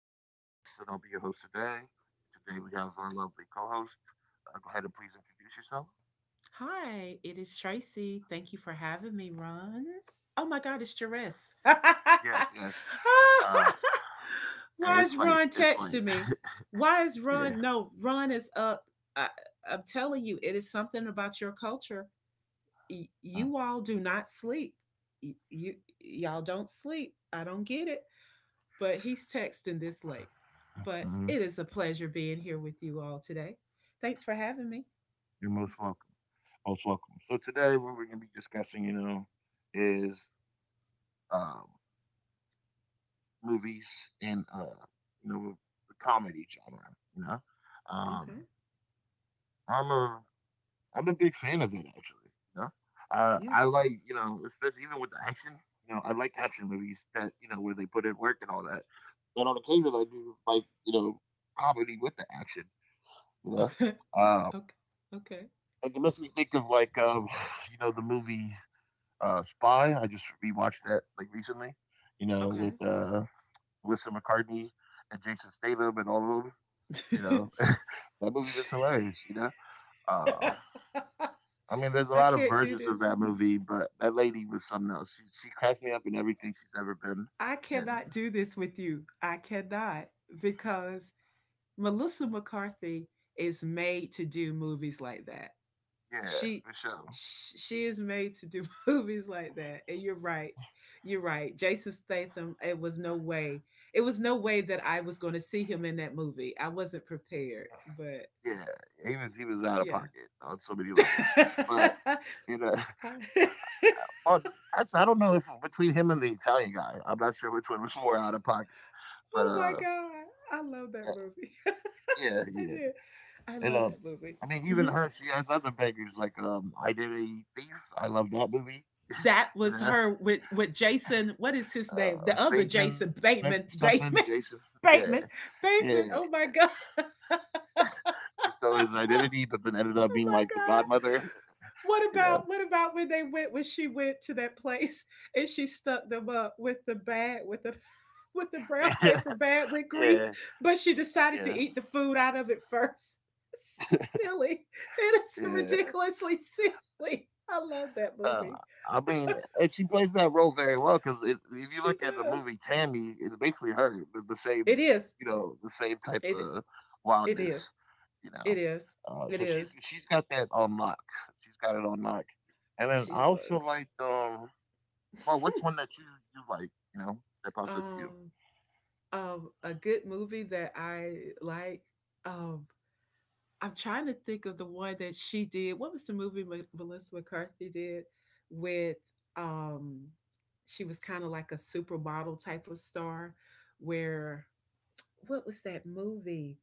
My name is Suresh, and I'll be your host today. Today we have our lovely co-host. Go ahead and please introduce yourself. Hi, it is Tracy. Thank you for having me, Ron. Oh my God, it's Jerris. Yes, yes. Uh, Hey, Why it's is late. Ron It's late. texting me? Why is Yeah. Ron? No, Ron is up. I, I'm telling you, it is something about your culture. You all do not sleep. Y- you y'all don't sleep. I don't get it, but he's texting this late. But Mm-hmm. it is a pleasure being here with you all today. Thanks for having me. You're most welcome. Most welcome. So today, what we're gonna be discussing, is um, movies and you know, the comedy genre. You know, Okay. um, I'm a I'm a big fan of it actually. You know, Yeah. I like especially even with the action. You know, I like action movies that you know where they put in work and all that. But on occasion, I do like you know comedy with the action. You know, Okay. uh, Okay. Okay. like, it makes me think of you know the movie Spy. I just rewatched that like recently. You know, with Melissa McCarthy and Jason Statham and all of them. You Okay. know, that movie was hilarious. Uh, I mean, there's a I lot of can't do versions of this. that movie, but that lady was something else. She cracks me up in everything she's ever been I in. cannot do this with you. I cannot because Melissa McCarthy is made to do movies like that. Yeah, She for sure. she is made to do movies like that. And you're right. You're right. Jason Statham, it was no way. It was no way that I was going to see him in that movie. I wasn't prepared, but Yeah, he was out of yeah. pocket on so many levels. But I- you know, well, actually, I don't know if between him and the Italian guy, I'm not sure which one was more out of pocket. But oh my god. I love that movie. yeah, I yeah, yeah. did. I and love that movie. I mean, even her, she has other bangers like Identity Thief. I love that movie. That you was know, her with Jason. What is his name? The other Bateman or Jason something, Bateman. Jason. Bateman. Yeah, Bateman. yeah. Bateman. Oh my god. Oh She stole his identity, but then ended up being like the my god. godmother. You know, What about when they went when she went to that place and she stuck them up with the bag with the with the brown yeah, paper bag with grease, yeah, but she decided to yeah, eat the food out of it first. Silly. It is yeah. ridiculously silly. I love that Uh, movie. I mean, and she plays that role very well because if you She look at the does. movie Tammy, it's basically her the same, It is. you know, the same type It of It wildness. is. You know, It is. It so she's is. she's got that on lock. She's got it on lock. And then I She also was. like well, what's one that you like? You know that pops up to you. um, a good movie that I like. Um, I'm trying to think of the one that she did. What was the movie Melissa McCarthy did with? Um, she was kind of like a supermodel type of star. Where what was that movie?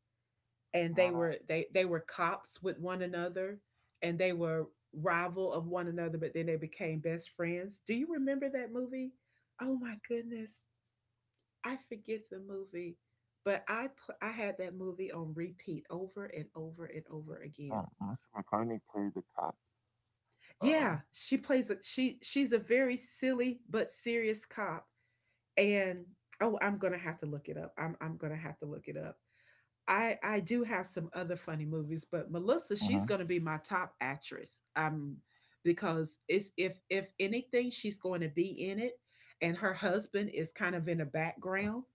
And they Mono. were they they were cops with one another, and they were rival of one another, but then they became best friends. Do you remember that movie? Oh my goodness, I forget the movie, but I had that movie on repeat over and over and over again. No, Melissa McCartney played the cop. um, Yeah, she plays a she's a very silly but serious cop. And oh, I'm gonna have to look it up. I do have some other funny movies, but Melissa, she's Mhm. going to be my top actress. Because it's, if anything, she's going to be in it, and her husband is kind of in the background,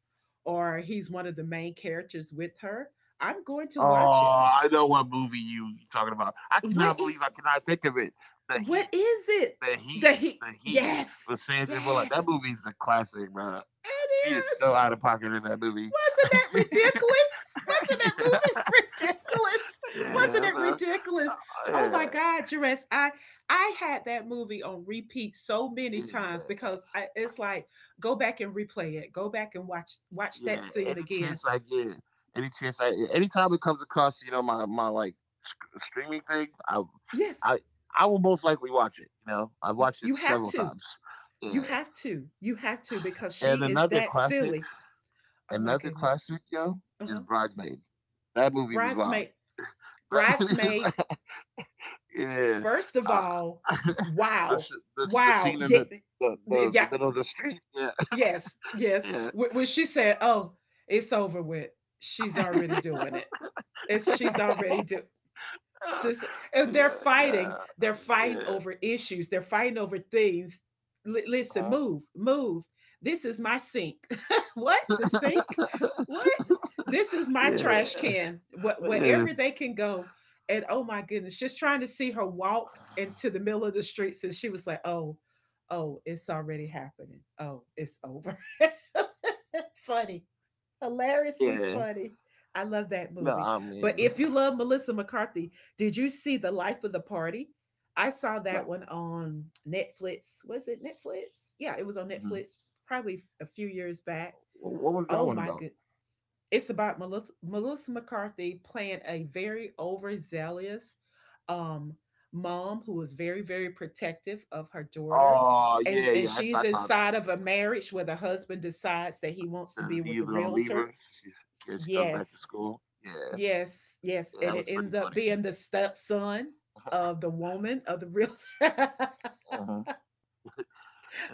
or he's one of the main characters with her. I'm going to Oh, watch it. I know what movie you talking about. I cannot What believe is, I cannot think of it. The what Heat, is it the Heat, that he? the Heat Yes, with Sandra Bullock. That yes, movie's a classic, bro. it She is so is. out of pocket in that movie. Wasn't that ridiculous? Wasn't that Yeah, movie ridiculous? Wasn't yeah, it bro. ridiculous? Oh my Yeah, God, Jerez, I had that movie on repeat so many times yeah. because I, it's like go back and replay it, go back and watch that Yeah, scene any again. chance I get, any chance anytime it comes across, you know, my like sc- streaming thing, Yes, I, I will most likely watch it. You know, I've y- watched it you have several to, times. you Yeah, have to, you have to, because and she is that silly. Oh my another goodness. classic, yo, Uh is huh. Bridesmaid. That movie was wild. Bridesmaid, That movie was, bridesmaid. yeah. First of Uh, all, the, wow, s- the wow. scene in Yeah. the the Yeah. middle of the street. Yeah, Yes, yes. yeah, When she said, "Oh, it's over with," she's already doing it. It's, she's already do, just, and they're yeah, fighting, yeah, they're fighting yeah. over issues, they're fighting over things. Listen, Uh-huh. move move, this is my sink. What, the sink? What? This is my trash yeah, can. What? yeah, Wherever they can go. And oh my goodness, just trying to see her walk into the middle of the streets, and she was like, oh, oh it's already happening, oh it's over. Funny, hilariously yeah. funny. I love No, that I movie. mean, But if you love Melissa McCarthy, did you see The Life of the Party? I saw no. that one on Netflix. Was it Netflix? Yeah, it was on Mhm. Netflix probably a few years back. Wh- What was that Oh one my about? goodness! It's about Melissa, Melissa McCarthy playing a very overzealous um, mom who is very, very protective of her daughter. Oh, And, yeah, and yeah. She's I saw that. inside of a marriage where the husband decides that he wants to The, be the with the either gonna leave realtor. her. She, yeah, she goes back to Yes, school. Yeah, yes, yes. yeah. And That it was pretty ends up funny. being the stepson of the woman of the real. Mhm.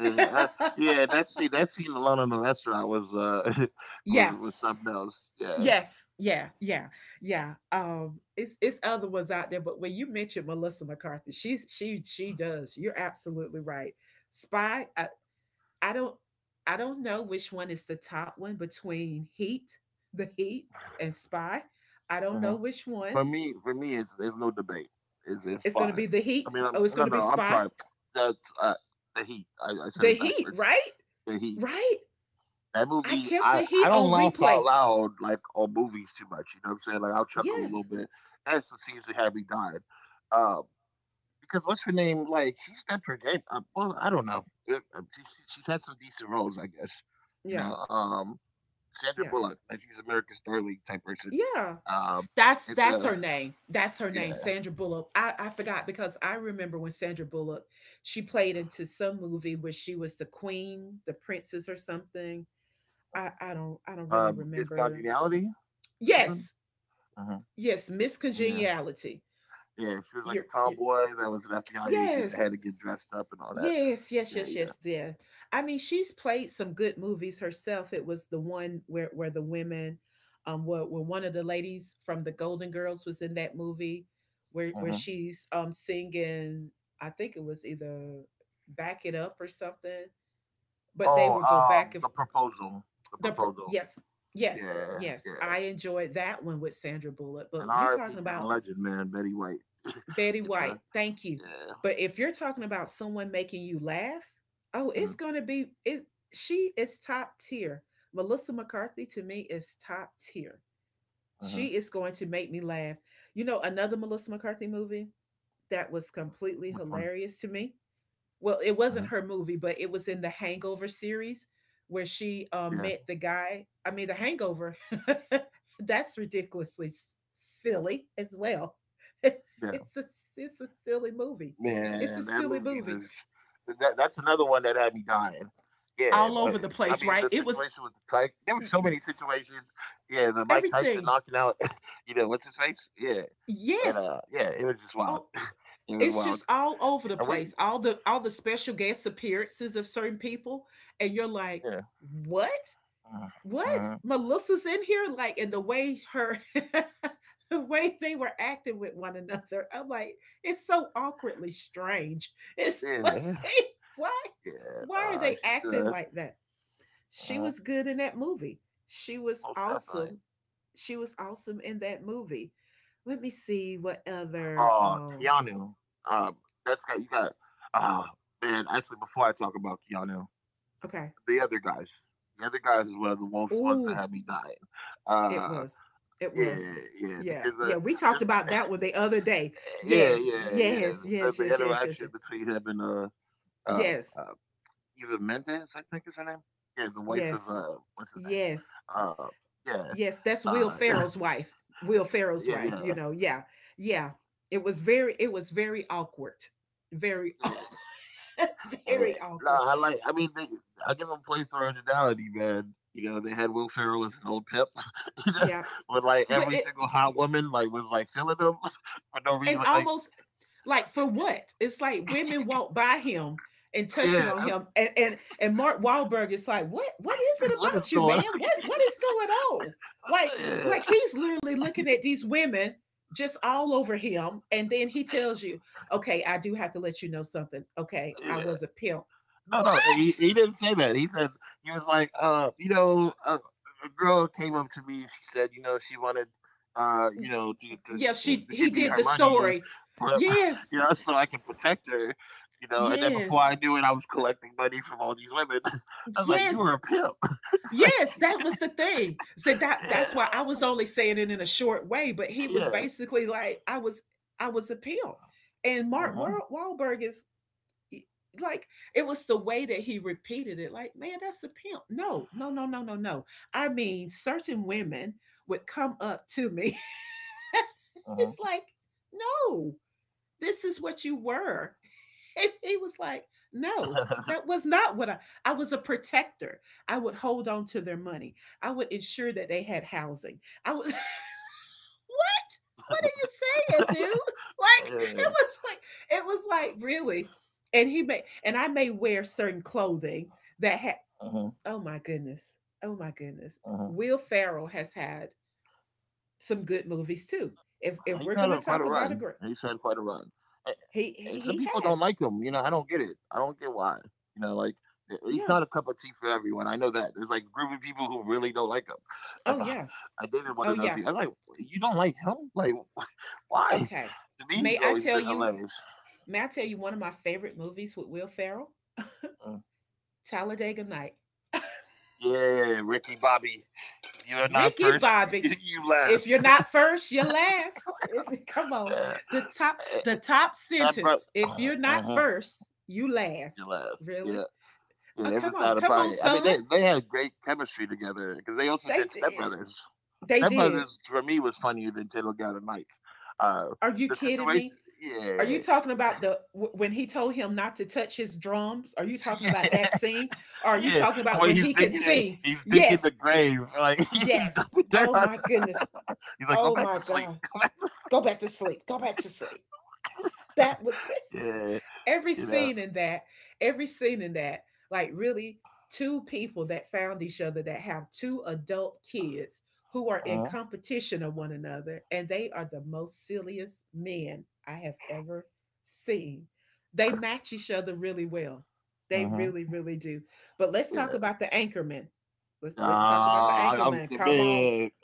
Yeah, I- yeah, that scene alone in the restaurant was was Yeah. Something else. Yeah. Yes. Yeah. Yeah. Yeah. Um, it's other ones out there, but when you mention Melissa McCarthy, she she does. You're absolutely right. Spy. I don't, I don't know which one is the top one between Heat, the Heat, and Spy. I don't Hmm. know which one. For me, it's there's no debate. It's It's going to fine. be the Heat. Oh, it's No, going to be no, I'm Spy. sorry. That's the heat. I said The it Heat, backwards. right? The heat. Right? That I movie, kept the I heat don't on laugh out replay. loud like on movies too much. You know what I'm saying? Like I'll chuckle a little Yes. bit. That's some scenes that had me dying. Um, because what's her name? Like she stepped her game up. Well, I don't know. She's had some decent roles, I guess. You Yeah. know, um, Sandra Yeah. Bullock, like she's America's darling type person. Yeah. Um, That's it's that's her a name. That's her name, yeah, Sandra Bullock. I forgot because I remember when Sandra Bullock, she played into some movie where she was the queen, the princess or something. I don't, I don't really Miss remember. Congeniality or something. Yes. Uh, Yes, Miss yeah, Congeniality. yeah. She was like a You're, you're tomboy that was an FBI agent that yes, had to get dressed up and all that. Yes, yes, Yeah, yes, yeah. yes. There. I mean, she's played some good movies herself. It was the one where the women, where one of the ladies from the Golden Girls was in that movie, where Mhm. she's singing. I think it was either "Back It Up" or something. But they Oh, would go back if the proposal, the proposal. yes, yes, Yeah, yes. yeah. I enjoyed that one with Sandra Bullock. An But you're RIP talking to the about legend, man, Betty White. Betty You know, White, thank you. yeah. But if you're talking about someone making you laugh, oh, Hmm. it's gonna be is, she is top tier. Melissa McCarthy to me is top tier. Hmm. She is going to make me laugh. You know, another Melissa McCarthy movie that was Which completely one? hilarious to me, well, it Hmm. wasn't her movie, but it was in the Hangover series where Yeah, she met the guy. I mean, the Hangover. That's ridiculously silly yeah. as well. It's a it's a Man, that silly movie movie. was. It's a silly That that's movie another one that had me dying. Yeah, I mean the all over the situation with the place, right? Tyke. It There were was so many situations. Yeah, the Mike Tyson knocking out. everything. You know what's his face? Yeah, and yeah, it was Yes. just wild. It Oh, was wild. it's just Are all we, over the place. All the, all the special guest appearances of certain people, and you're yeah. like, what? Mhm. What, Melissa's in here? Like, and the way her the way they were acting with one another, I'm like, it's so awkwardly strange. It's Mhm. like Yeah. why Yeah, why are nah, they she's acting uh, like that? She uh was good in that movie. She was most definitely. awesome. She was awesome in that movie. Let me see what other um, Keanu. Uh, that's got you got. Uh, Man, actually, before I talk about Keanu, okay. the other guys, the other guys is one of the most ones that Ooh, had me dying. it Uh, was. It was. Yeah, Yeah. because Yeah. uh, We talked just about that one the other day. Yeah, Yes. yeah, yeah, Yes. the, Yes. the Yes. Yes. Yes. interaction Yes. between him and uh, Yes. uh, Eva Mendes, I think is her name. Yeah, the wife of Yes. What's his name? Yes. Uh, yeah, Yes. That's Will nah, Ferrell's wife. Will Ferrell's yeah, wife. yeah, You know. Yeah. Yeah. It was very. It was very awkward. Very. yeah. Eh, Very No, awkward. I like. I give them place for originality, man. You know, they had Will Ferrell as an old pimp, you know, Yeah. with like But every it, single hot woman like was like feeling him for no reason. and Like almost, like for what? It's like women walk by him and touching yeah, on him, and and Mark Wahlberg is like, what is it what is about you, going on? man? What What is going on? Like Yeah, like he's literally looking at these women just all over him, and then he yeah. tells you, okay, I do have to let you know something. Okay, I Yeah. was a pimp. No, no, What? He didn't say that. He said he was like, you know, a girl came up to me. She said, you know, she wanted, you know, Yeah, she, to he give me did her the money, story. for, Yes, you know, so I can protect her, you know. And then before yes, I knew it, I was collecting money from all these women. I was like, you yes. were a pimp. It's like, Yes, that was the thing. So that, yeah, that's why I was only saying it in a short way, but he was yeah. basically like, I was, I was a pimp. And Mark Uh-huh, Wahl- Wahlberg is like, it was the way that he repeated it, like, man, that's a pimp. No no no no no no, I mean certain women would come up to me. It's like, no, this is what you were. And he was like, uh-huh. no, that was not what I was a protector. I would hold on to their money. I would ensure that they had housing. I was what? What are you saying, dude? Like Yeah, it was like, it was like really. And he may, and I may wear certain clothing that had, uh-huh, oh my goodness. Oh my uh-huh. goodness. Will Ferrell has had some good movies too. He's had a, If quite a we're gonna run. talk about He's a had great, quite a run. And, And he some he people he don't like has. him. You know, I don't get it. I don't get why. You know, like it- it's not a Yeah. cup of tea for everyone. I know that. There's like group of people who really don't like him. Like Oh I, yeah. I dated one of Oh those people. yeah. I was like, you don't like him? Like why? Okay. To me, May he's I always tell been you? hilarious. May I tell you one of my favorite movies with Will Ferrell? Uh, Talladega Night. Yeah, Ricky Bobby. If you're not Ricky first, Bobby. You If last. you're not first, you're last. If come on, Yeah. the top, eh, the eh, top that bro. sentence. If you're not Mhm. first, you last. You last. Really? Yeah. Oh Yeah, it come was out on, of come on, pocket. I mean, son. they had great chemistry together because they also They did Step did. Brothers. They Step did. Brothers for me was funnier than Ten Got a Knife. Uh, Are you the kidding situation, me? Are yeah, you talking about the, when he told him not to touch his drums? Are you talking yeah, about that scene? Or are you yeah. talking about When when he's he could digging, it, sing? he's digging the Yes, grave, like he's yes. dumping dirt Oh on. my goodness. He's like, go Oh back to my sleep. God. Go back to sleep. Go back to sleep. Go back to sleep. That was Yeah, every you know. scene in that, every scene in that, like really two people that found each other that have two adult kids who are in Mm-hmm. competition of one another, and they are the most silliest men I have ever seen. They match each other really well. They really, Mm-hmm. really do. But let's talk Yeah. about the anchorman. Let's talk about the Ah, I'm anchorman. the Come on, man.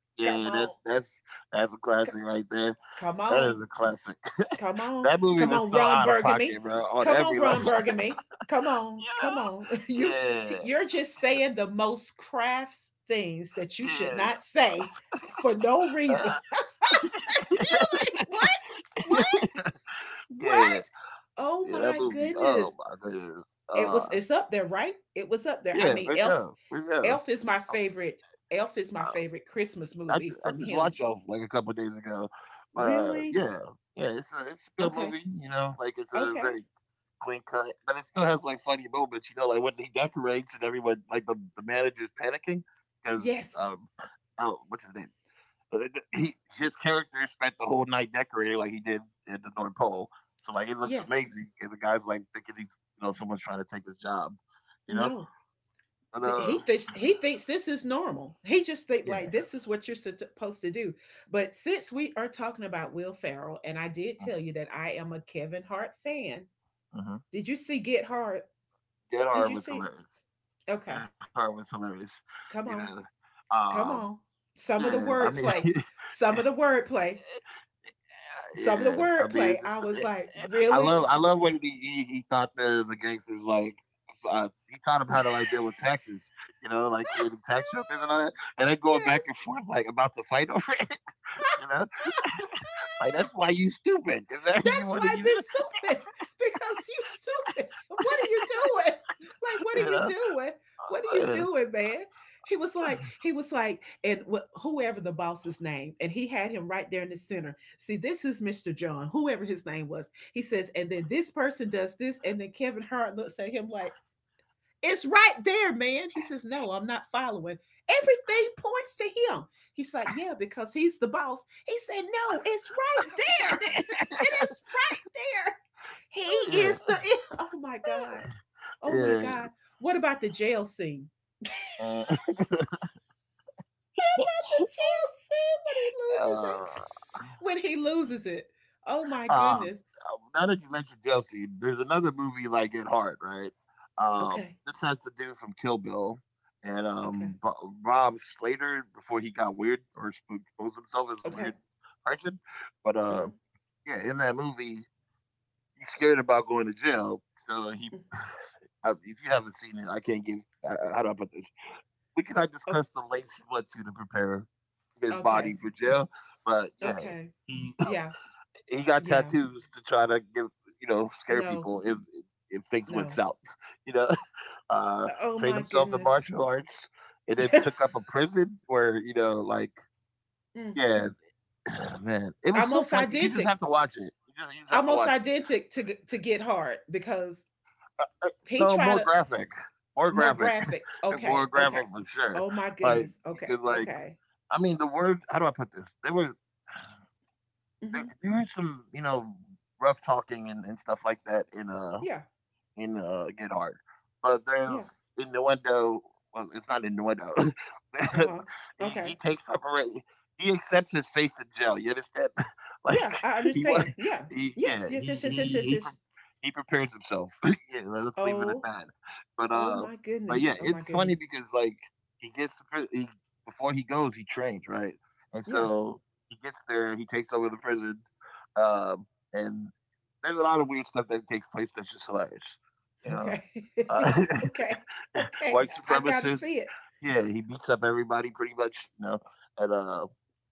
come yeah, on, that's that's a c- classic right there. come That on. is a classic. Come on. That movie Come was on, so Ron out of Burgundy. pocket, bro, on Come on, every Ron level. Burgundy. Come on. Come on. Yeah. You Yeah. you're just saying the most crafts things that you Yeah. should not say for no reason. you like, what? What? yeah. What? Oh Yeah, that my movie. Oh goodness. my goodness. It was Uh, it's up there, right? It was up there. I yeah, mean, for Elf sure, for sure. Elf is my I, favorite. Elf is my I, favorite Christmas movie I from just him. watched off like a couple days ago, but Really? yeah, yeah, it's a good Okay. movie. You know, like it's a Okay. very clean cut, but it still has like funny moments. You know, like when he decorates and everyone like the manager's panicking because Yes. um, oh, what's his name? But Yeah. he his character spent the whole night decorating like he did at the North Pole. So like it looks Yes. amazing, and the guy's like thinking he's you know someone's trying to take his job, you know. No. But He thinks this is normal. He just think yeah, like this is what you're supposed to do. But since we are talking about Will Ferrell, and I did tell you that I am a Kevin Hart fan. mm-hmm. Did you see Get Hard? Dead Did Hard you was see? hilarious. Dead Hard was Okay, hilarious, you know. come on, Um, come on. yeah, I Some of the mean, wordplay, some of the wordplay, yeah, some of the I mean, wordplay. I was like, I really? love when he taught the gangsters like he taught them how to like deal with taxes, you know, like creating tax shelters and all that, and then going back Yes. and forth like about to fight over it, you know. Like that's why you stupid because you That's want to why use this stupid. Because you stupid. What are you doing? Like, it, what are you you doing? What are you know. doing, man? And whoever the boss's name, and he had him right there in the center. See, this is Mr. John, whoever his name was. He says, and then this person does this, and then Kevin Hart looks at him like, it's right there, man. He says, no, I'm not following. Everything points to him. He's like, yeah, because he's the boss. He said, no, it's right there. It is right there. He Yeah, is the. E-, Oh my God. Oh my yeah. God. What about the jail scene? Uh, What about the jail uh, scene when he loses it? When he loses it. Oh my Um, goodness. Now that you mentioned Josie, there's another movie like Get Hard, right? Okay. This has the dude from Kill Bill and Okay. Rob Slater before he got weird or sp- exposed himself as a Okay. weird person. But Uh-huh. yeah, in that movie, he's scared about going to jail. So he, I- if you haven't seen it, I can't give. How do I put this? We cannot Okay. discuss the lengths he went to prepare his Okay. body for jail. But yeah, Okay. he Yeah. he got Yeah. tattoos to try to give you know scare No. people if things went No. south. You know, uh, oh trained my himself in goodness. martial arts, and then took up a prison where you know like Mm. yeah, man, it was so Almost fun. You just identical. have to watch it. You just have to Almost watch it. identical to get hard because Uh, he No tried more to graphic, more more graphic, graphic. more Okay. Okay. graphic for sure. Oh my Like goodness. Okay. because like Okay. I mean the word. How do I put this? There was there, Hmm. there was some you know rough talking and stuff like that in uh Yeah. in uh, Get Hard. But there's Yeah. innuendo. Well, it's not innuendo. Uh There's- huh. he, Okay. he takes separate. He accepts his fate in jail. You understand? like Yeah. I he was. understand. Yeah. He, Yes. yeah. Yes. He Yes. Yes. Yes. he Yes. he, Yes. he prepares himself. Yeah, let's leave it at Oh. that. But Oh uh, my but yeah, goodness. Oh my it's funny goodness. because like he gets to pri- he, before he goes, he trains right, and Yeah. so he gets there, he takes over the prison, um, and there's a lot of weird stuff that takes place that's just hilarious. You know, Okay. uh, okay. Okay. white I gotta supremacist. see it. Yeah, he beats up everybody pretty much. You know, and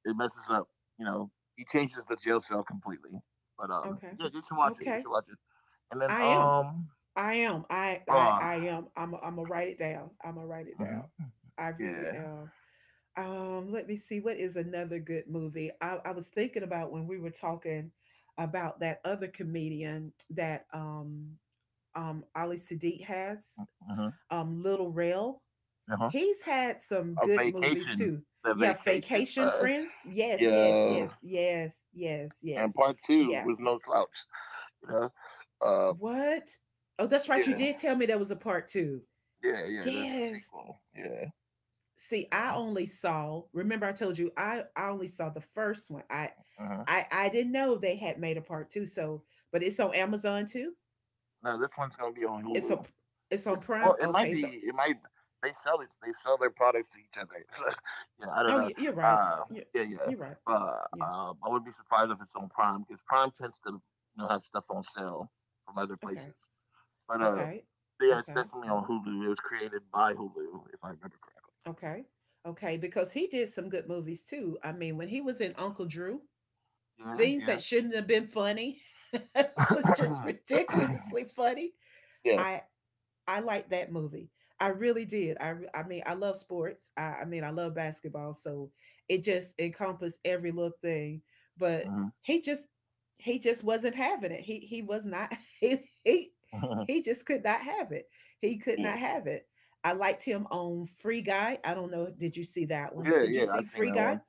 it messes up. You know, he changes the jail cell completely. But Okay. yeah, you should watch it. You Okay. should watch it. And then I am. I am. Uh, I am. I'm gonna write it down. I'm gonna write it down. mhm, I really yeah, am. Let me see. What is another good movie? I was thinking about when we were talking about that other comedian that Ali Sadiq has, mhm, Little Rail. uh-huh. He's had some A good movies vacation. too. The Yeah, vacation, Vacation uh, Friends. Yes, yes, yeah. yes, yes, yes, And yes. part two Yeah. was no slouch. You know, uh, What? Oh, that's right. You yeah, did tell me there was a part two. yeah, yeah. There's a Yes. sequel. Yeah, See, I yeah. only saw remember I told you I only saw the first one. i Mhm. i i didn't know they had made a part two, so but it's on amazon too. No, this one's gonna be on it's a Hulu. it's on It's prime, well, it might okay. So be. It might. They sell it. They sell their products to each other. So, yeah, I don't oh, know. you are right. Uh, you're, yeah, yeah. you're right, But yeah. I wouldn't be surprised if it's on Prime because Prime tends to you know have stuff on sale from other Okay, places. But uh, okay, but yeah, it's okay, definitely on Hulu. It was created by Hulu, if I remember okay, okay, because he did some good movies too. I mean, when he was in Uncle Drew, correctly. things Yeah, that shouldn't have been funny was just yeah, ridiculously funny. yeah. I. I liked that movie. I really did. I mean, I love sports. I mean, I love basketball, so it just encompassed every little thing. But Hmm. he just he just wasn't having it. He was not he he he just could not have it. He could Yeah, not yeah. have it. I liked him on Free Guy. I don't know. Did you see that one? Yeah, Did you yeah. see I've seen Free that Guy? one.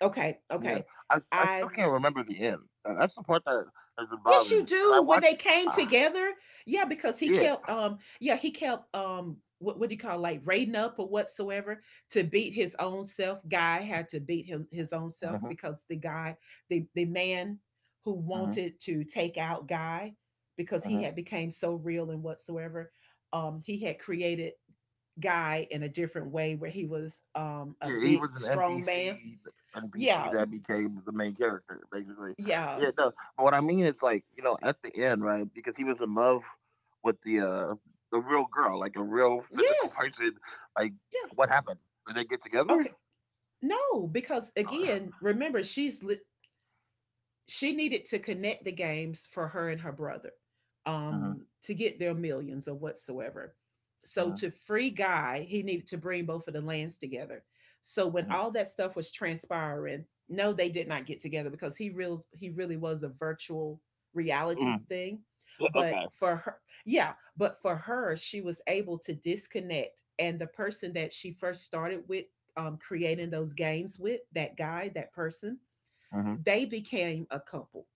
Okay, Yeah, okay. I still I can't remember the end. That's the part that has been yes, bothering you me because I do. When they watched. came Uh, together, yeah, because he yeah. kept, yeah, he kept, what do you call, like raiding up or whatsoever to beat his own self. Guy had to beat him his own self Mhm, because the guy, the man who mhm, wanted to take out Guy because mhm. he had became so real and whatsoever, he had created Guy in a different way where he was a Yeah, he big was an strong man. NPC, NPC Yeah, that became the main character, basically. yeah, Yeah, no, but what I mean is like you know at the end, right? Because he was in love with the real girl, like a real physical yes, person. Like, yeah. what happened? Did they get together? Okay. No, because Or... again, remember, she's she needed to connect the games for her and her brother, hmm to get their millions or whatsoever. So hmm to free Guy, he needed to bring both of the lands together. So when hmm all that stuff was transpiring, no, they did not get together because he really was a virtual reality hmm thing. But okay. for her, yeah, but for her, she was able to disconnect. And the person that she first started with, creating those games with, that guy, that person, Hmm. they became a couple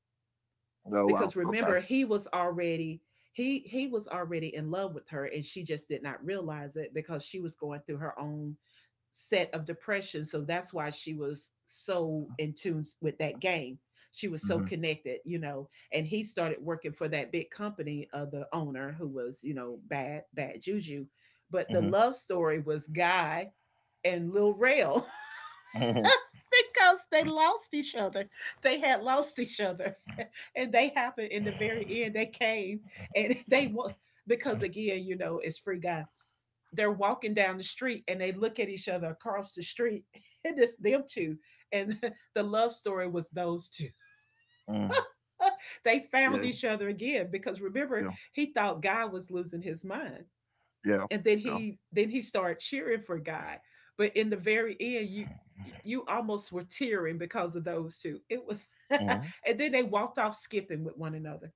Oh wow. because Okay. remember, he was already he was already in love with her, and she just did not realize it because she was going through her own set of depression. So that's why she was so in tune with that game. She was so Hmm. connected, you know, and he started working for that big company of the owner, who was, you know, bad bad juju. But the Hmm. love story was Guy and Lil Rail because they lost each other. They had lost each other, and they happened in the very end. They came and because again, you know, it's Free Guy. They're walking down the street and they look at each other across the street, and it's them two. And the love story was those two. Mm. They found Yeah, each other again because remember, yeah, he thought God was losing his mind, yeah, and then yeah. he then he started cheering for God. But in the very end, you almost were tearing because of those two. It was, Mhm. and then they walked off skipping with one another.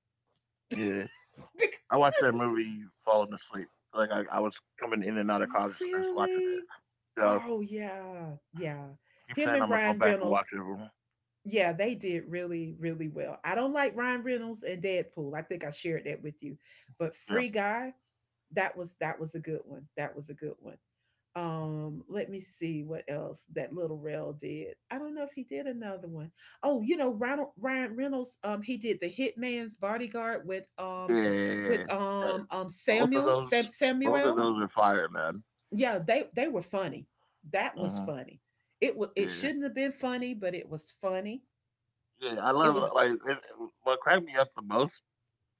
Yeah. I watched that movie falling asleep. Like I was coming in and out of consciousness watching it. Really? So Oh yeah, yeah. keep Him saying and I'm gonna go Ryan back and watch Reynolds, it. yeah, they did really, really well. I don't like Ryan Reynolds and Deadpool. I think I shared that with you, but Yeah, Free Guy, that was a good one. That was a good one. Let me see what else that Little Rel did. I don't know if he did another one. Oh, you know, Ronald Ryan Reynolds, he did the Hitman's Bodyguard with yeah, yeah. Yeah. That, both of Samuel those, both of Samuel. those are fire, man. Yeah, they were funny. That was Hmm. funny. It Yeah, shouldn't have been funny, but it was funny. yeah. I It love was like it, what cracked me up the most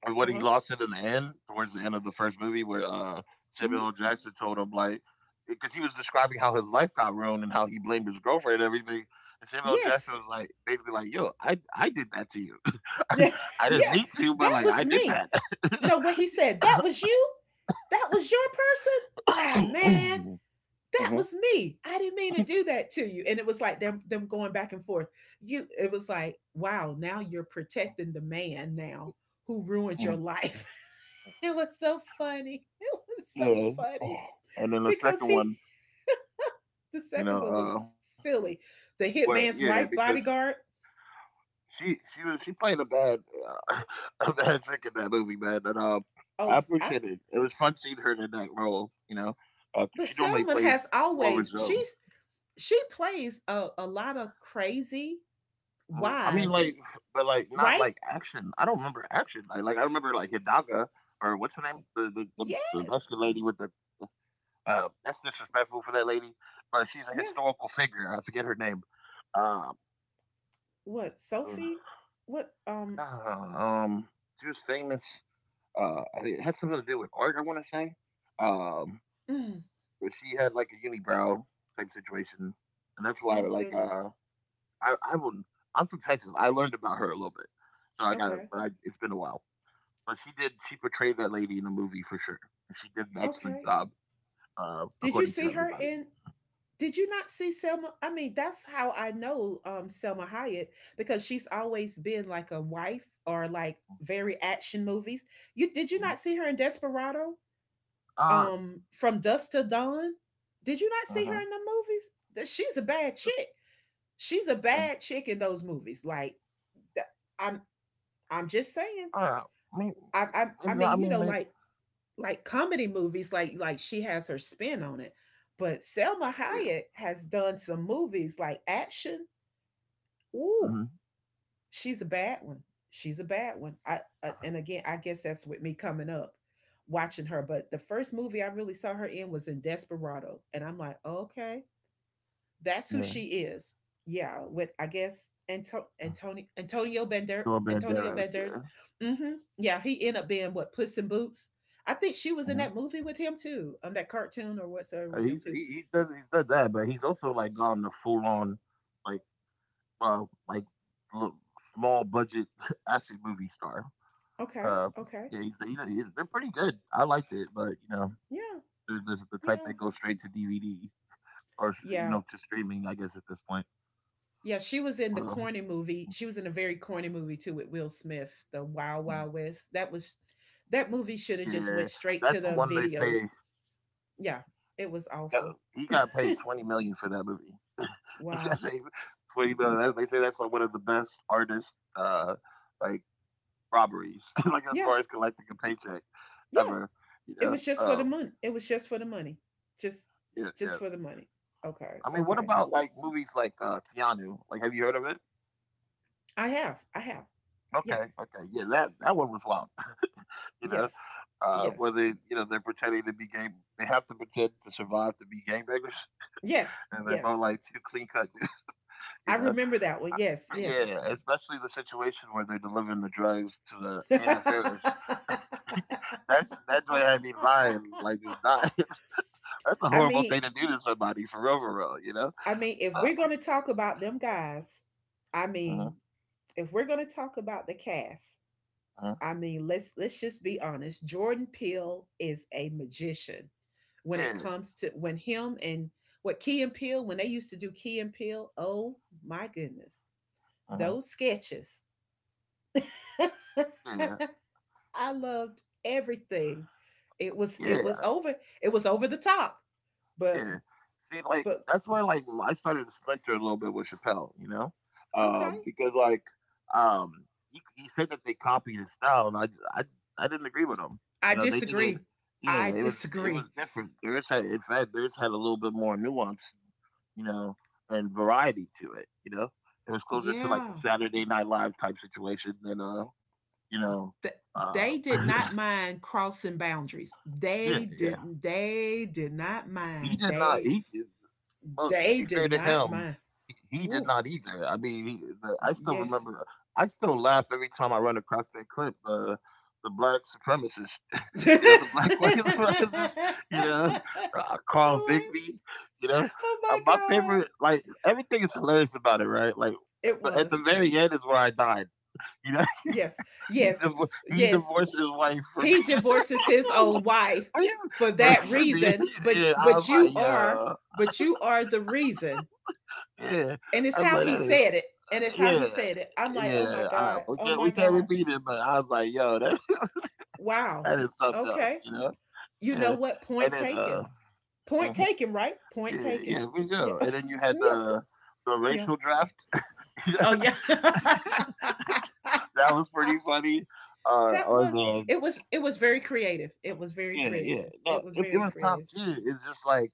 and what he uh-huh. lost it in the end, towards the end of the first movie, where Hmm. Samuel L. Jackson told him like, because he was describing how his life got ruined and how he blamed his girlfriend and everything. And Samuel L. Jackson Yes. was like, basically like, "Yo, I did that to you. I Yeah, I didn't yeah. mean to, but That like was I did me. that." No, what he said, that was you? That was your person? Oh man. Mhm, That was me. I didn't mean to do that to you. And it was like them going back and forth. You It was like, wow, now you're protecting the man now who ruined your mhm. life. It was so funny. It was so Yeah. funny. And then the Because second he one, The you know, second one was uh, silly. well, The yeah, hitman's because wife bodyguard. she played a bad uh, a bad chick in that movie, man. And I Oh I appreciate it. It was fun seeing her in that role. You know, 'cause but she normally Selma has plays lower always zone. She plays a lot of crazy Mhm. I mean, wives, like, but like not right? like action. I don't remember action. Like I remember like Hidaga or what's her name, the the, the, Yes. the Mexican lady with the. That's disrespectful for that lady, but she's a Yeah. historical figure. I forget her name. Um, What, uh, Sophie? What um nah, she was famous. I think it had something to do with art, I want to say. Um, mm. but she had like a unibrow type situation, and that's why Oh like goodness. I will I'm from Texas. I learned about her a little bit, so I got Okay. but I, it's been a while. But she did she portrayed that lady in the movie for sure. And she did an excellent Okay. job, Did you according to see her everybody. in? Did you not see Selma? I mean, that's how I know Selma Hayek, because she's always been like a wife or like very action movies. You did you Mhm. not see her in Desperado? Uh, From dusk to dawn. Did you not see her mhm, in the movies? That she's a bad chick. She's a mhm. bad chick in those movies. Like, th- I'm I'm just saying. Uh, maybe, I maybe I mean, you mean know, maybe like comedy movies like she has her spin on it, but Selma yeah. Hayek has done some movies like action. Ooh, Hmm. she's a bad one. She's a bad one I Uh, and again, I guess that's with me coming up watching her, but the first movie I really saw her in was in Desperado, and I'm like, okay, that's who Yeah. she is. Yeah, with I guess Door Antonio Banderas, Benders. yeah. Hmm. Yeah, he ended up being what, Puss in Boots. I think she was in Mm-hmm. that movie with him too, that cartoon or whatsoever Uh, with he's him too. he, he does he's done that, but he's also like gone the full on like uh like l- small budget action movie star. Okay, Uh, okay, yeah, he's, they're pretty good. I liked it, but you know, yeah, there's the type yeah, that goes straight to DVD or you yeah, know to streaming. I guess at this point. yeah. She was in the Well, corny movie. She was in a very corny movie too with Will Smith, the Wild Wild West. That movie should have just yeah, went straight that's to the one they videos. say Yeah, it was that awful. he got paid 20 million for that movie. He Wow. got paid 20 million. They say that's like one of the best artists. Uh, like robberies, like as Yeah, far as collecting a paycheck yeah, ever. You it was know, just for the money. It was just for the money. Just yeah, just yeah. for the money. Okay. I mean, what Okay. about like movies like Keanu? Like, have you heard of it? I have. I have. Okay, Yes. okay, yeah, that that one was wild. you know, Yes. Where Yes. they, you know, they're pretending to be game. They have to pretend to survive to be gangbangers, Yes. and they're both Yes. like two clean cut. You I know, remember that one. Yes. Yes. yeah, especially the situation where they're delivering the drugs to the Anna Faris. That's that joint had me lying, like just dying. That's a I horrible mean, thing to do to somebody for real, you know? If Uh, we're going to talk about them guys, I mhm, mean, if we're going to talk about the cast, mhm, I mean, let's just be honest. Jordan Peele is a magician. When it yeah, comes to when him and what Key and Peele, when they used to do Key and Peele, oh my goodness. Those sketches. mhm, I loved everything. It was yeah, it was yeah, over it was over the top. But yeah. See, like, but that's where, like, I started to splinter a little bit with Chappelle, you know? okay. Because, like, um, he said that they copied his style, and I, I j- I didn't agree with him. I You know, they did it, disagree. yeah, I it was disagree. different. Theirs had, in fact, theirs had a little bit more nuance, you know, and variety to it, you know? It was closer to, like, a Yeah. Saturday Night Live type situation than, you know, Th- uh, They did not mind crossing boundaries. yeah, They yeah. didn't they did not He mind. did not. He well, to They be did fair to not him, mind. he did Ooh, not either. I mean, he, the, I still yes. remember. I still laugh every time I run across that clip. The black supremacist, you know, the black white oh supremacist, you know, Carl Bigby, you know. My My god. favorite, like everything is hilarious about it, right? Like, It but at the was. very end is where I died. You know, Yes. he, Yes. div- he Yes. divorced his wife for He me. divorces his own wife Oh, yeah. for that For me, reason, but yeah, I was but you like, are "Yo." but you are the reason. Yeah. And it's I was how like, he "That is said it. And it's how he yeah, said it. I'm like, "Oh my yeah, I god. Oh we my can't god. repeat it," but I was like, "Yo, that Wow. that is something else," Okay. you know? You know Yeah. what? And Point then, taken. Point mhm. taken, right? Point Yeah, taken. yeah, for Yeah. sure. And then you had yeah. The Yeah. racial draft. Oh yeah. That was pretty funny. That Or was the it was it was very creative. It was very yeah, yeah. creative. No, It was it very was top creative. tier. It's just like,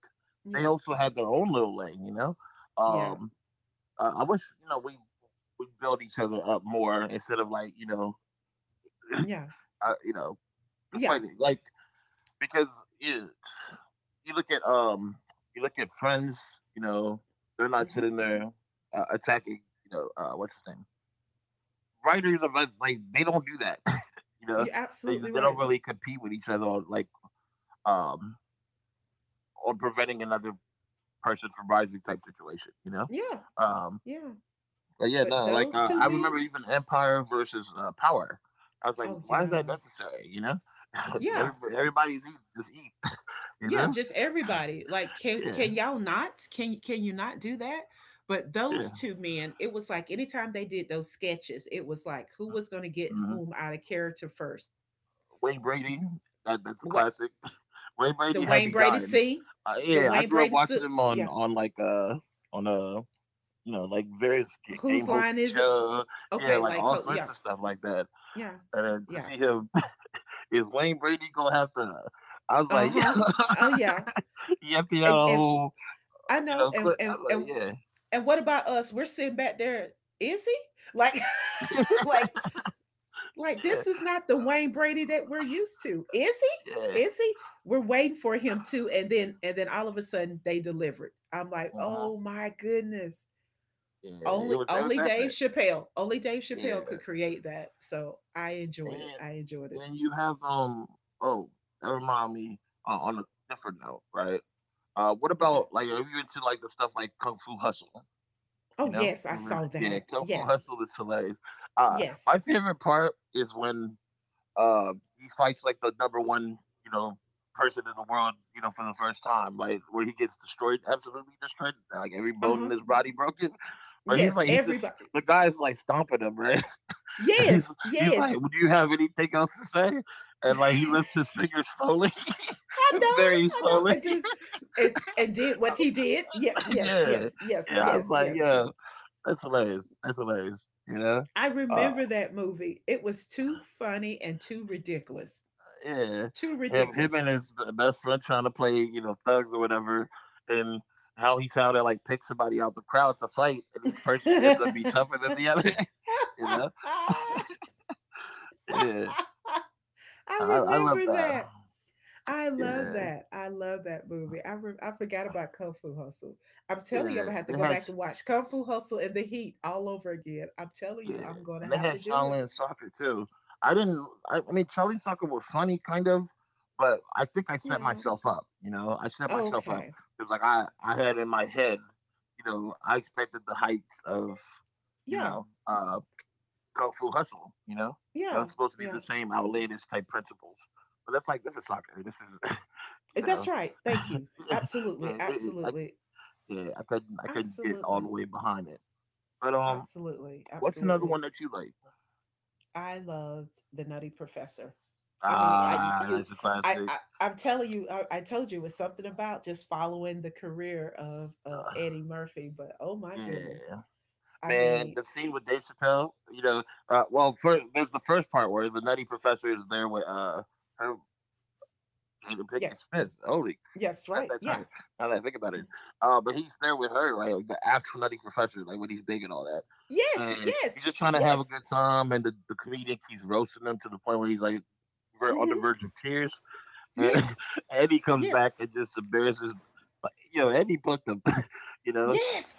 they Yeah. also had their own little lane, you know? Yeah. Um I wish you know we build each other up more instead of like you know Yeah. I, you know Yeah. complaining like because you you look at um you look at friends you know they're not Hmm. sitting there attacking you know what's his name writers of like, they don't do that you know You're absolutely they don't right. really compete with each other on, like um on preventing another person from rising type situation you know Yeah. um Yeah. but yeah, But no, like those two I men? remember even Empire versus Power. I was like, Oh why is that yeah. necessary? You know, Yeah. everybody, everybody's eating, just eat. You Yeah, know, just everybody. Like can yeah, can y'all not? Can you not do that? But yeah. those two men, it was like anytime they did those sketches, it was like who was going to get Hmm. whom out of character first. Wayne Brady, that's a What classic. Wayne the Brady had Wayne me Brady dying. C, the Yeah, I Wayne grew up Brady C. watching him Yeah, on like on you know like various game whose line hosting is it? show. Yeah, Okay, like like all sorts yeah, of stuff like that. yeah, And then to yeah. see him is Wayne Brady gonna have to? I was Uh like, yeah, huh. Oh yeah, you empty out and a and whole, I you know, know, and clip. I and and was like, and what about us? We're sitting back there. Is he like, like, yeah, like yeah, this is not the Wayne Brady that we're used to. Is he? yeah, Is he? We're waiting for him too, and then all of a sudden they delivered. I'm like, uh-huh. oh my goodness, Yeah. Only It was only Dave epic. Chappelle. Only Dave Chappelle Yeah, could create that. So I and enjoyed it. I enjoyed it. then you have. Oh, that remind me on a different note, right? What Okay. about like are you into like the stuff like Kung Fu Hustle? Oh You know, yes, I you ever, saw yeah, that. Kung Fu Yes. Hustle is hilarious. Uh, Yes. my favorite part is when he fights like the number one, you know, person in the world, you know, for the first time, like where he gets destroyed, absolutely destroyed, like every bone in Uh-huh. his body broken. But he's Yes. like, he just Everybody. the guy's like stomping him, right? he's Yes. he's like, Yes. do you have anything else to say? I And like he lifts his finger slowly, know it. very I know. slowly. And did and did what he did. Yes, yes, yeah, yes, yes, yeah. I was yes, like, yes, yes. yeah, that's hilarious. That's hilarious. I Uh, remember that movie. It was too funny and too ridiculous. Yeah, Too and him ridiculous. and his best friend trying to play, you know, thugs or whatever, and how he's trying to like pick somebody out the crowd to fight, and each person ends up being I tougher than the other. you know, yeah, I love remember that. that. I love Yeah, that. I love that movie. I forgot about Kung Fu Hustle. I'm telling you, I'm yeah, gonna have to they go had back and watch Kung Fu Hustle and The Heat all over again. I'm telling Yeah, you, I'm gonna and they have to had do it. Shaolin soccer too. I didn't. I mean, Shaolin soccer was funny, kind of, but I think I set Yeah. myself up. You know, I set myself up Okay. because, like, I had in my head, you know, I expected the heights of, you Yeah. know, Kung Fu Hustle. You know, that was Yeah. supposed to be Yeah. the same outlandish type principles, but that's like this is soccer. This is, Eh, you that's know, right. Thank you. yeah, Absolutely. it- it- I, Absolutely. yeah, I couldn't get all Absolutely. the way behind it. But Absolutely. what's another Absolutely. one that you like? I loved the Nutty Professor. I mean, I Ah, you, that's a I, classic. I I'm telling you, I told you it's something about just following the career of Uh, Eddie Murphy. But oh my goodness, yeah, I man, mean, the scene with Dave Chappelle. You know, well, mm, first there's the first part where the Nutty Professor is there with her Jada yes, Pinkett Smith. Holy yes, crap, forgot right, that yeah, turn. Now that I think about it, mm. But he's there with her, like the actual Nutty Professor, like when he's big and all that. Yes, And he's yes, just trying to yes, have a good time, and the comedian keeps roasting him to the point where he's like on the hmm, verge of tears. And yes, Eddie comes yes, back and just embarrasses, but, you know, Eddie booked him, you know, yes,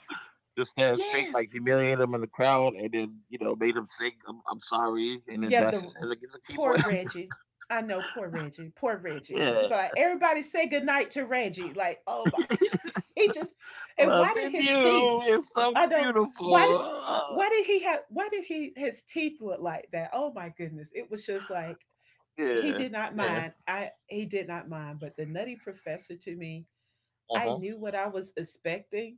just stand straight, yes. like humiliate him in the crowd, and then, you know, made him sing, I'm sorry, and then Yeah, bash the his head against the poor keyboard. Reggie. I know poor Reggie. Poor Reggie. He'd yeah. be like, everybody say goodnight to Reggie. Like, oh my god. He just and why did Loving his teeth? you is so I know beautiful. why did Ah, why did he have why did he his teeth look like that? Oh my goodness. It was just like he yeah. did not Yeah. mind. I he did not mind, but the Nutty Professor to me, Uh I huh. knew what I was expecting,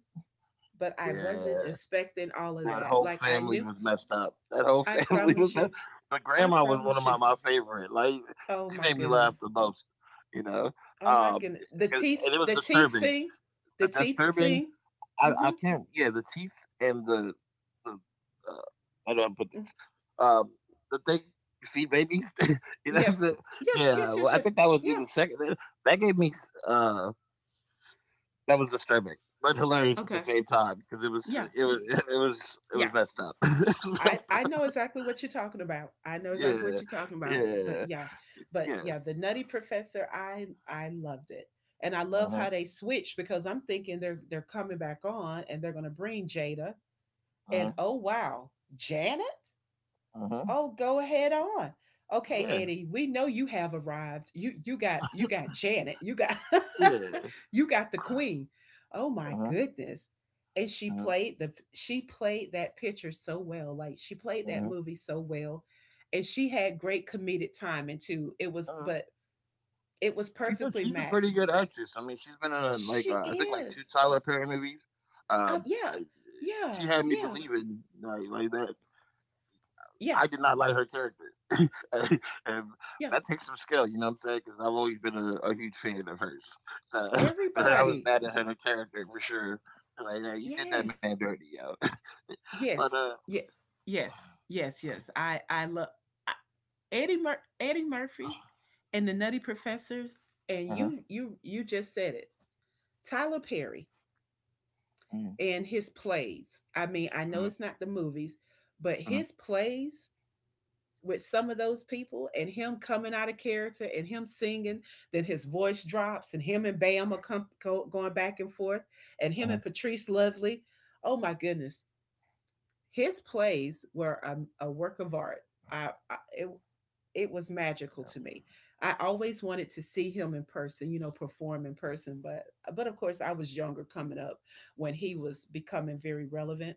but I wasn't Yeah. expecting all of That that. whole Like I family knew, was messed up. That whole I family was promise messed you. up. But I grandma was one of promise you. my favorite. Like, Oh she my made me laugh goodness. the most, you know? Oh my Um, goodness. The and teeth and it was the teeth disturbing. sing. The The teeth disturbing, sing. I Mhm. can't, yeah, the teeth and the I don't put Mm. the, um, the thing, you feed babies, Yes. Yes, yes, yeah, well, yes, I yes. think that was in Yeah. the second, that gave me, uh, that was disturbing. But hilarious at the Okay. same time because Yeah. it was it Yeah. was messed up. it was messed I know up. exactly what you're talking about. I know exactly what Yeah, you're talking about. Yeah, But yeah. yeah, the Nutty Professor, I loved it, and I love Uh-huh. how they switched because I'm thinking they're coming back on and they're gonna bring Jada, Uh-huh. and oh wow, Janet. Uh-huh. Oh, go ahead on. Okay, Yeah. Eddie, we know you have arrived. You got Janet. You got Yeah. you got the queen. Oh my Uh-huh. goodness. And she Uh-huh. played the she played that picture so well. Like she played that Uh-huh. movie so well. And she had great comedic timing too. It was Uh-huh. but it was perfectly She's a pretty matched. good actress. I mean, she's been in like She I think like two is. Tyler Perry movies. Uh, Yeah. I, she Yeah. had me Yeah. believing like that. Yeah. I did not like her character, and and Yeah. that takes some skill. You know what I'm saying? Because I've always been a huge fan of hers. So, but her, I was Everybody. mad at her character for sure. Like, yeah, you did that man Yes. dirty, yo. But Yes, yes, yes, yes, yes. I love Eddie Murphy and the Nutty Professors, and uh-huh. you just said it. Tyler Perry and his plays. I mean, I Mhm, know it's not the movies, but mhm, his plays with some of those people and him coming out of character and him singing, then his voice drops and him and Bam are go, going back and forth, and him mhm, and Patrice Lovely. Oh my goodness. His plays were a work of art. I, I it, it was magical to me. I always wanted to see him in person, you know, perform in person, but of course I was younger coming up when he was becoming very relevant.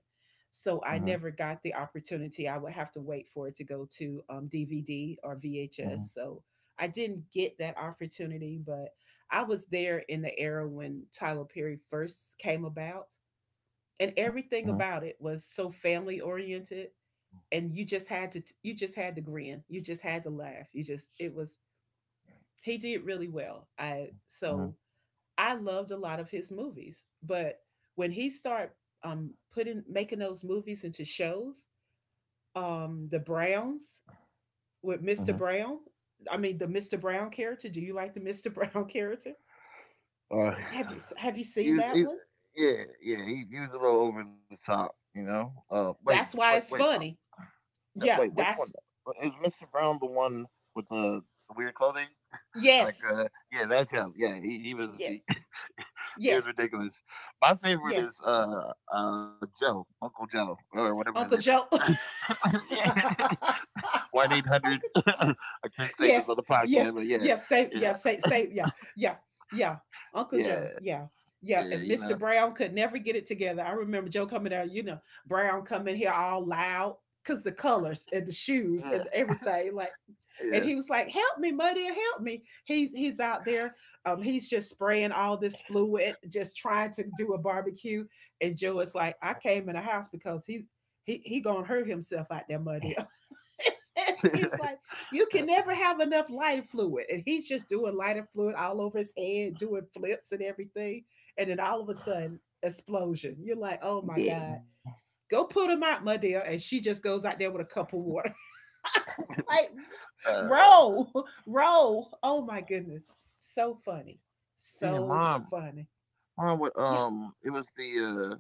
So mhm, I never got the opportunity. I would have to wait for it to go to DVD or mhm, VHS. So I didn't get that opportunity, but I was there in the era when Tyler Perry first came about and mhm, everything about it was so family oriented and you just had to you just had to grin you just had to laugh you just it was he did really well. I mhm, so I loved a lot of his movies but when he started putting making those movies into shows, the Browns with mhm. Mr. Brown. I mean the Mr. Brown character, do you like the Mr. Brown character, Uh, have you he seen was, that he, one? yeah, yeah, he was a little over the top, you know. That's wait, why wait, it's uh, funny. no, wait, Yeah, which one? that's Is Mister Brown the one with the weird clothing? Like, yes, yeah, that's him. Yeah, yes, he was yes, ridiculous. My favorite yes. is Joe, Uncle Joe, or whatever his name Uncle Joe. is. yeah. 1-800. I can't say this on yes, the podcast, yes, but yeah, yes, say yeah, yeah, say say yeah, yeah, yeah. Uncle yeah, Joe, yeah, yeah. yeah. And You Mr. know, Brown could never get it together. I remember Joe coming out, you know, Brown coming here all loud because the colors and the shoes yeah, and everything, like and yeah, he was like, "Help me, Muddy, help me." He's out there. He's just spraying all this fluid, just trying to do a barbecue. And Joe is like, "I came in the house because he gonna hurt himself out there, Muddy." It's like you can never have enough lighter fluid, and he's just doing lighter fluid all over his head, doing flips and everything. And then all of a sudden, explosion. You're like, "Oh my god." yeah. Go put him out, Muddy, and she just goes out there with a cup of water. Like, Uh, roll, roll. Oh my goodness. So funny. yeah, So funny. mom. Yeah. It was the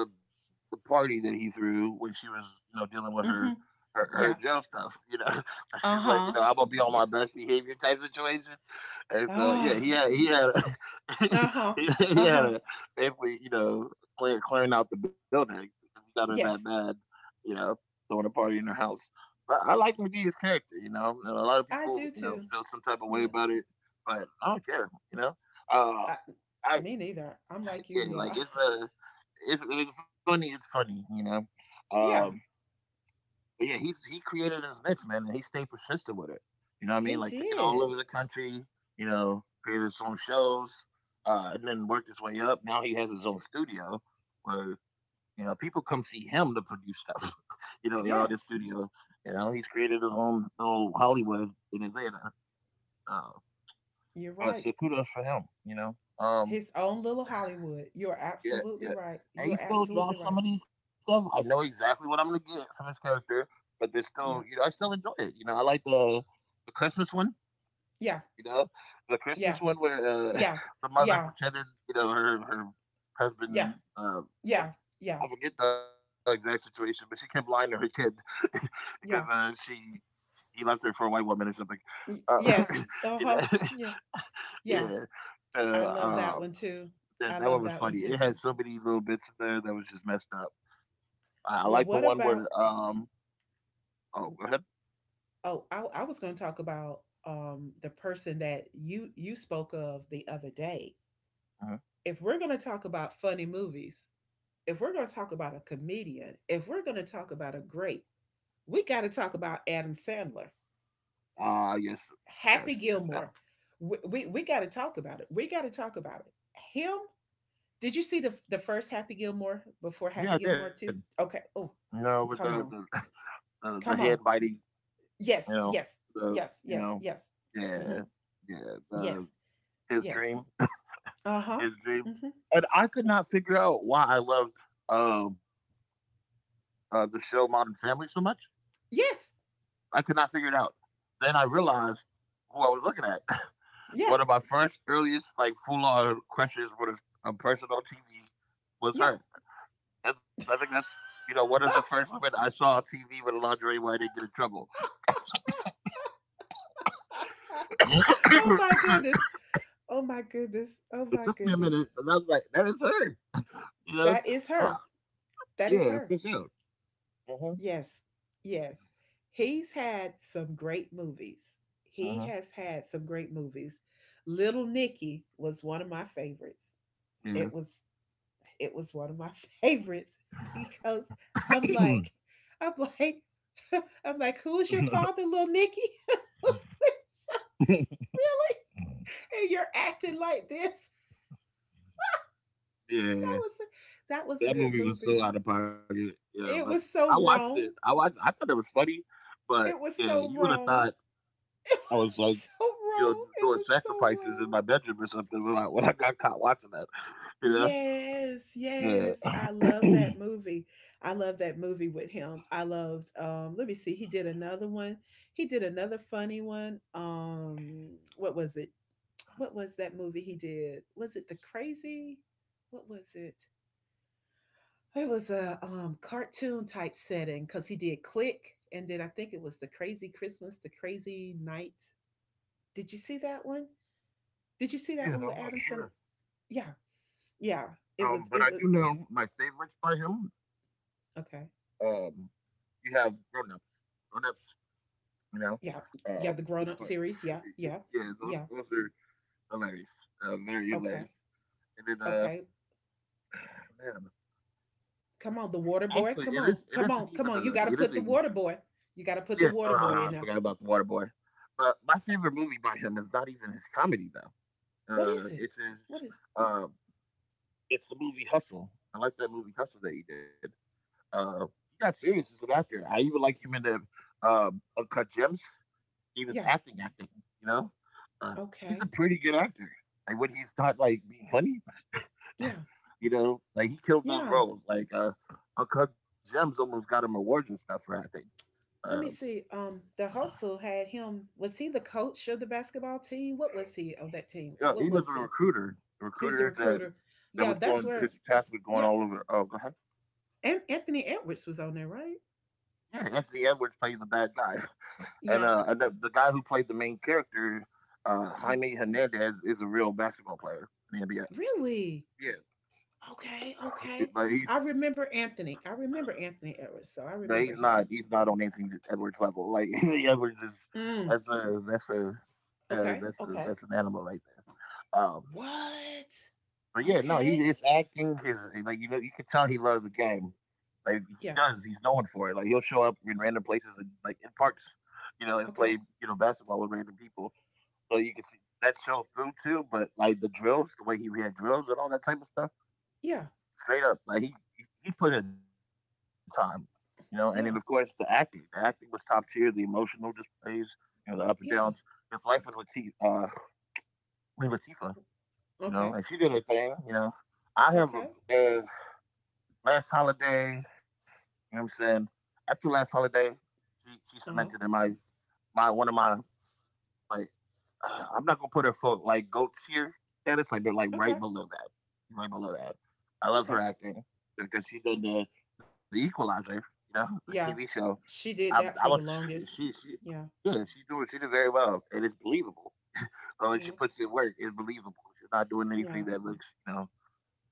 the the party that he threw when she was you know dealing with her. Mm-hmm. Her Yeah. jail stuff, you know. She's like, you know, Uh-huh. I'm gonna be on my Yeah. best behavior type situation, and so yeah, Ah. He had Oh, uh-huh. he, he had Uh-huh. a basically, you know, clearing out the building. He got her that Yes. bad, you know, throwing a party in her house. But I like McGee's character, you know. And a lot of I people, do you know, too. feel some type of way Yeah. about it, but I don't care, you know. Uh, I, I me neither. I'm like you, yeah, like yeah. It's funny. It's funny, you know. Um, yeah. but yeah, he created his niche, man, and he stayed persistent with it. You know what I mean? He Like took it all did. over the country, you know, created his own shows, and then worked his way up. Now he has his own studio where, you know, people come see him to produce stuff. you know, in all this Yes. studio. You know, he's created his own little Hollywood in Atlanta. Uh, You're but right. so kudos for him, you know. His own little Hollywood. You're Yeah, yeah. absolutely right. And he You're still absolutely drops right. some of these stuff. I know exactly what I'm gonna get from this character, but there's still, you know, Yeah. I still enjoy it. You know, I like the Christmas one. Yeah. You know, the Christmas Yeah. one where uh, Yeah. the mother Yeah. pretended, you know, her Yeah. husband. Well, Yeah. Yeah. I forget the exact situation, but she kept lying to her kid because she Yeah. he left her for a white woman or something. Uh, Y- yes. you know, Uh-huh. Yeah. yeah. Yeah. Uh, I love um, that one too. that I that one love was that funny. one It too. had so many little bits in there that was just messed up. I Well, like the what one where about oh go ahead. oh, I was going to talk about the person that you spoke of the other day. Mhm. If we're going to talk about funny movies, if we're going to talk about a comedian, if we're going to talk about a great, we got to talk about Adam Sandler, Yes, Happy yes, yes. Gilmore. We got to talk about it. We got to talk about it. Him did you see the first Happy Gilmore before Yeah, Happy I did. Gilmore 2? Okay. You Oh, know, with come the on. The head Come on. biting. You Yes, know yes, the yes, you yes, know yes. yeah Hmm. yeah the Yes, his yes. dream. Uh huh. his dream. Hmm. And I could not figure out why I loved um the show Modern Family so much. Yes. I could not figure it out. Then I realized who I was looking at. Yeah, One of my first earliest like full on crushes with a person on TV yeah. was her. That's, I think that's you know one of the first women I saw on TV with a lingerie where I didn't get in trouble. oh it my goodness. Oh my goodness. Oh my took me a goodness. minute, and I was like, that is her. You know, That is uh, her. yeah, That is for sure. her. Uh-huh. Yes, yes. He's had some great movies. He Uh-huh. has had some great movies. Little Nicky was one of my favorites. It Yeah. was it was one of my favorites because I'm like, I'm like, I'm like, who is your father, little Nicky? and you're acting like this. That yeah. was a, that was a That good movie was movie. so out of pocket. Yeah, but It was so I wrong. watched I thought it was funny, but It yeah, was you so would have thought wrong. I It was was like, so you know, wrong. It doing was so sacrifices in wrong. my bedroom or something when when I got caught watching that. You know? Yes, yes. Yeah. I love yeah, that movie. I love that movie with him. I loved let me see, he did another one. He did another funny one. What was it? What was that movie he did? Was it The Crazy? What was it? It was a cartoon type setting cuz he did Click and then I think it was The Crazy Christmas, The Crazy Night. Did you see that one? Did you see that I'm one with not Adam Sandler? sure. Yeah. Yeah. But It I was do know my favorites by him. okay. Um, you have grown ups. You know, Yeah, um, yeah, the this grown up part. series. Yeah, yeah, Yeah, yeah. those are hilarious. Very hilarious. Okay, And then, okay. man, Come on, the water actually, boy. Come on, come on, come on. You it got to isn't put the even water boy. You got to put yeah. the water boy I in there. forgot about the Water Boy. But my favorite movie by him is not even his comedy though. What Uh, is it? it What is is? uh, it's the movie Hustle. I like that movie Hustle that he did. Uh, he got serious as an actor. I even like him in the Uncut Gems. He was Yeah. Acting. You know, uh, he's a Okay. pretty good actor. Like when he's not like being funny, Yeah. you know, like he killed those Yeah. roles. Like Uncut Gems almost got him awards and stuff for acting. Uh, Let me see. The hustle had him. Was he the coach of the basketball team? What was he of that team? yeah, he What was a was he? A He was the recruiter that recruiter. that Yeah, was that's going. His where. task was going Yeah, all over. Oh, go ahead. and Anthony Edwards was on there, right? Yeah, Anthony Edwards played the bad guy. And Yeah. The guy who played the main character, Mhm. Jaime Hernandez, is a real basketball player in the NBA. Really? Yeah, Okay, okay. but he's I remember Anthony. I remember Anthony Edwards, so but I he's remember not him. On Anthony Edwards level. Like Edwards is Mm, that's a that's a okay, okay. that's an animal right there. What? But yeah, no, he Okay. his acting his like you know you can tell he loves the game. Like Yeah, he's known for it. Like he'll show up in random places and like in parks, you know, and play okay. you know basketball with random people. So you can see that show through too, but like the drills, the way he had drills and all that type of stuff, Yeah, straight up, he put in time, you know. And then of course yeah, the acting was top tier, the emotional displays, you know, the up and downs. His yeah. life with Latifah, you know, and she Okay, did her thing, you know. I have a okay. man, last holiday, you know what I'm saying. After last holiday, she Uh cemented huh. in my one of my Like, I'm not gonna put her for like goats here, and it's like they're like Okay, right below that, right below that. I love okay, her acting because she did okay. The Equalizer, you know, the TV Yeah, show. she did I that was for the longest. she Yeah, yeah she did very well, and it's believable. So when she yeah, puts in work, it's believable. She's not doing yeah, anything that looks,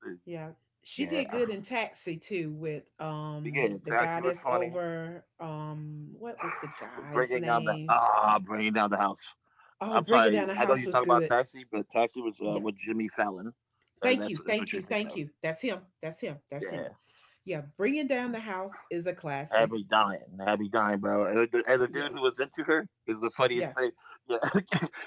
uh, yeah. She yeah. did good in Taxi too with But yeah, Taxi the was guy that's funny. over what was the guy's name? Bringing down the house. Oh, I'm Bring It sorry. Down the I know House you was talk about good. Taxi, but Taxi was Yeah. with Jimmy Fallon. Uh, Thank that's you, that's what thank you're you, thinking thank of. you. That's him. That's him. That's him. Yeah, Yeah, bringing down the house is a I had me classic. dying. I had me dying, bro. And the dude who Yes, was into her is the funniest yes, thing. Yeah,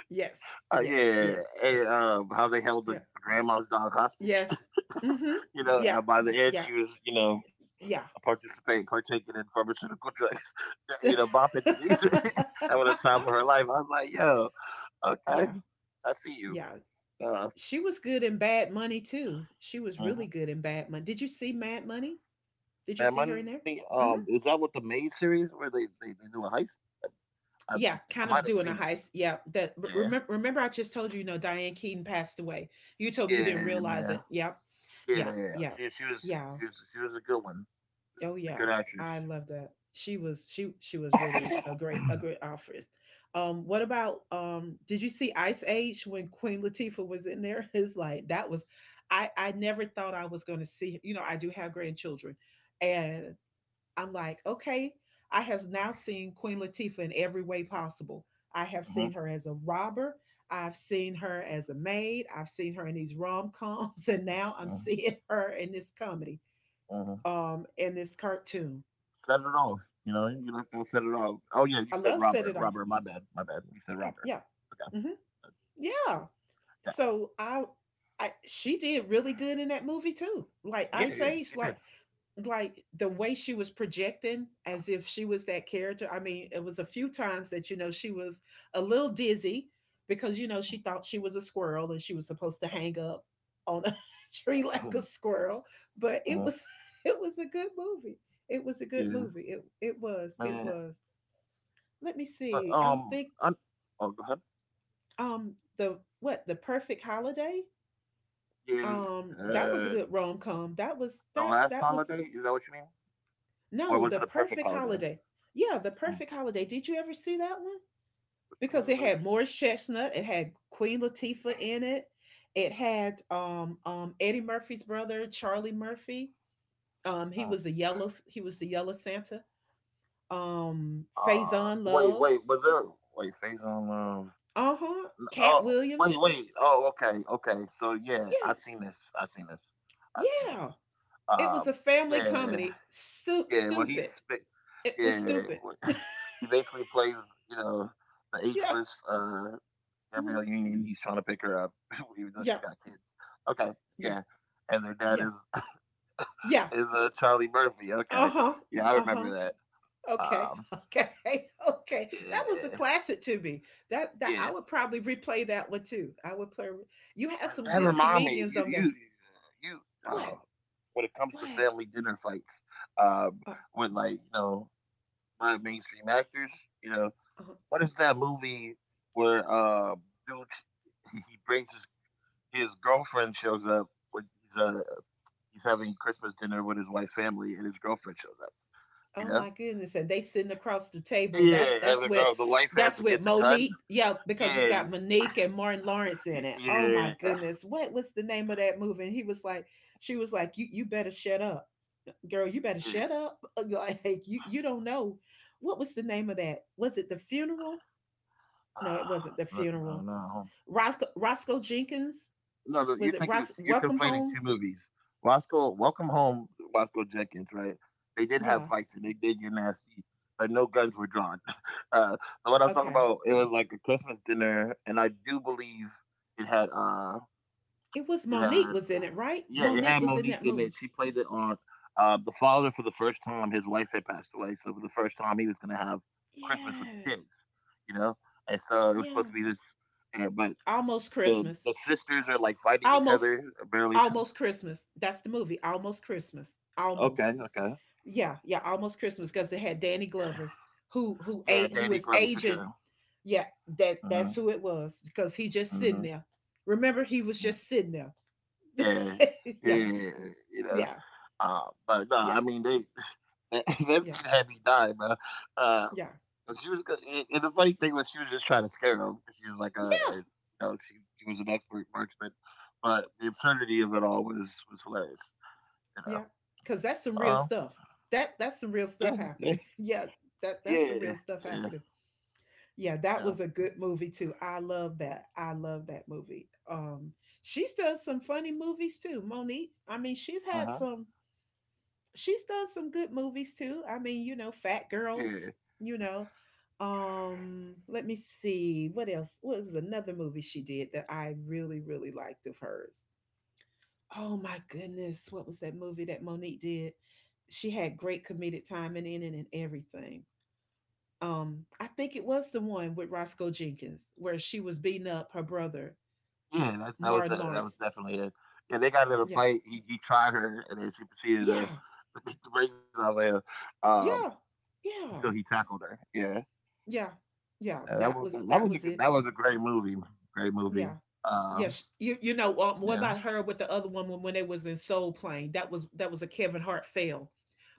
yes, yes, yeah. yes, And how they held the yeah, grandma's dog hostage. yes. Mm-hmm. Yeah, By the end yeah, she was, yeah. participating, partaking in pharmaceutical drugs. Bopping to music. That was the time of her life. I was like, yo, Yeah, okay, I see yeah. you. Uh, She was good in Bad Money too. She was really good mhm. in Bad Money. Did you see Mad Money? Did you see her in Mad there? Money. Hmm. Is that what the Maid series where they do a heist? I Yeah, kind I of might have doing a seen it. heist. Yeah, that Yeah, remember. Remember, I just told you. You know, Diane Keaton passed away. You told me you didn't yeah, realize man. it. Yeah, yeah, Yeah, yeah, she she was yeah. she was she was a good one, a Oh good yeah, actress. I love that. She was really a great actress. What about? Did you see Ice Age when Queen Latifah was in there? It's like that was, I never thought I was going to see. You know, I do have grandchildren, and I'm like, okay, I have now seen Queen Latifah in every way possible. I have Hmm. seen her as a robber. I've seen her as a maid. I've seen her in these rom coms, and now I'm seeing her in this comedy, Hmm. In this cartoon. Set it off. You know, you left out set it off. Oh yeah, you I said love Set Robert. It Off. Robert, my bad, my bad. You said Yeah, Robert. yeah, Okay. hmm, yeah. So she did really good in that movie too. Like Yeah, Ice yeah, yeah, Age, she like did. The way she was projecting as if she was that character. I mean, it was a few times that she was a little dizzy because she thought she was a squirrel and she was supposed to hang up on a tree like a Hmm. squirrel. But it was it was a good movie. It was a good Yeah, movie. It it was it man. was. Let me But see. I'm um, think, I, oh, go ahead. The perfect holiday. Yeah, That was a uh, good rom com. That was the last holiday. Is that what you mean? Or was no, it a the perfect perfect holiday? holiday. Yeah, the Mm. perfect holiday. Did you ever see that one? Which Because one? it Let me see. had Morris Chestnut, it had Queen Latifah in it. It had Eddie Murphy's brother Charlie Murphy. Mm. He was the yellow Santa. Faison Wait, Love. wait. Was there? Wait, phase on love. Uh huh. Cat Oh, wait, Williams. wait. Oh, okay, okay. So yeah, I seen this. I seen this. I Yeah, seen this. yeah. It Uh, was a family yeah, comedy. Yeah. Well, Stupid. It was yeah. stupid. Well, Yeah. he basically plays, you know, the ageless Mhm, Gabrielle Union. He's trying to pick her up, even though she yeah. got kids. Okay, Yeah. yeah. And their dad Yeah. is Yeah. is Charlie Murphy. Uh Okay, huh. yeah, I Uh huh. remember that. Okay. Um, Okay. Okay. That was a Yeah, classic to me. That I yeah. would probably replay that one too. I would play. You had But some that good remind me, comedians you, on there. you, you. What? Uh, when it comes to What? family dinner fights, um, Uh with like my mainstream actors, you know, huh. what is that movie where dude he brings his girlfriend shows up when he's having Christmas dinner with his wife's family and his girlfriend shows up, you Oh know? my goodness. And they sitting across the table. That's Yeah, and that's the what girl, the wife has that's to with get the gun. Monique. Yeah, because it's Yeah, got Monique and Martin Lawrence in it. Oh my yeah, goodness. What was the name of that movie? And he was like, she was like, You better shut up. Girl, you better yeah. shut up. Like, you don't know. What was the name of that? Was it the funeral? No, it wasn't the No, no, funeral. no. Roscoe Jenkins? No, no, Was it Ros you're Welcome conflating Home? two movies. Roscoe, Welcome Home, Roscoe Jenkins, right? They did have Yeah. fights and they did get nasty, but no guns were drawn. Uh, what I'm talking Okay. about, it was like a Christmas dinner, and I do believe it had, uh, It was it Monique had, was in it, right? yeah, it Monique had was in Monique that in it. movie. She played the aunt. The father, for the first time, his wife had passed away, so for the first time, he was gonna have Christmas with the Yes. kids, you know. And so it was supposed Yeah. to be this, and, but Almost the Christmas. the sisters are like fighting each Almost other barely. Almost Christmas. That's the movie. Almost Christmas. Okay, Almost. okay. Yeah, yeah, Almost Christmas because it had Danny Glover who Yeah, ate, Danny who is Glover for sure. aging. Yeah, that Mhm, that's who it was because he just mhm. sitting there. Remember he was Mhm. just sitting there. Yeah, yeah. Yeah. You know, Yeah. uh, but no, Yeah. I mean they that Yeah. scene had me die, bro. Uh, Yeah. and the funny thing was she was just trying to scare him because she was like Yeah. a you know she was an expert marksman, but the absurdity of it all was hilarious. You Yeah. know. Cuz that's some real Um. stuff. That's Yeah. some real Yeah. stuff happening. Yeah, Yeah. that's some real Yeah. stuff happening. Yeah, Yeah. that was a good movie too. I love that. I love that movie. She's done some funny movies too, Monique. I mean, she's Uh had huh. some. She's done some good movies too. I mean, Fat Yeah. Girls. You know, let me see what else. What was another movie she did that I really, really liked of hers? Oh my goodness, what was that movie that Monique did? She had great comedic timing in it and everything, I think it was the one with Roscoe Jenkins where she was beating up her brother, Yeah, that's that was Martin it, that was Lawrence. definitely it. Yeah, they got in a Yeah. fight, he tried her, and then she proceeded Yeah. to beat the brakes off him, um, Yeah. Yeah. until he tackled her, yeah. Yeah. Yeah. That was That that was a was good it. that was a great movie, Yeah. uh, Yes, what yeah. about her with the other one when they was in Soul Plane? That was a Kevin Hart fail,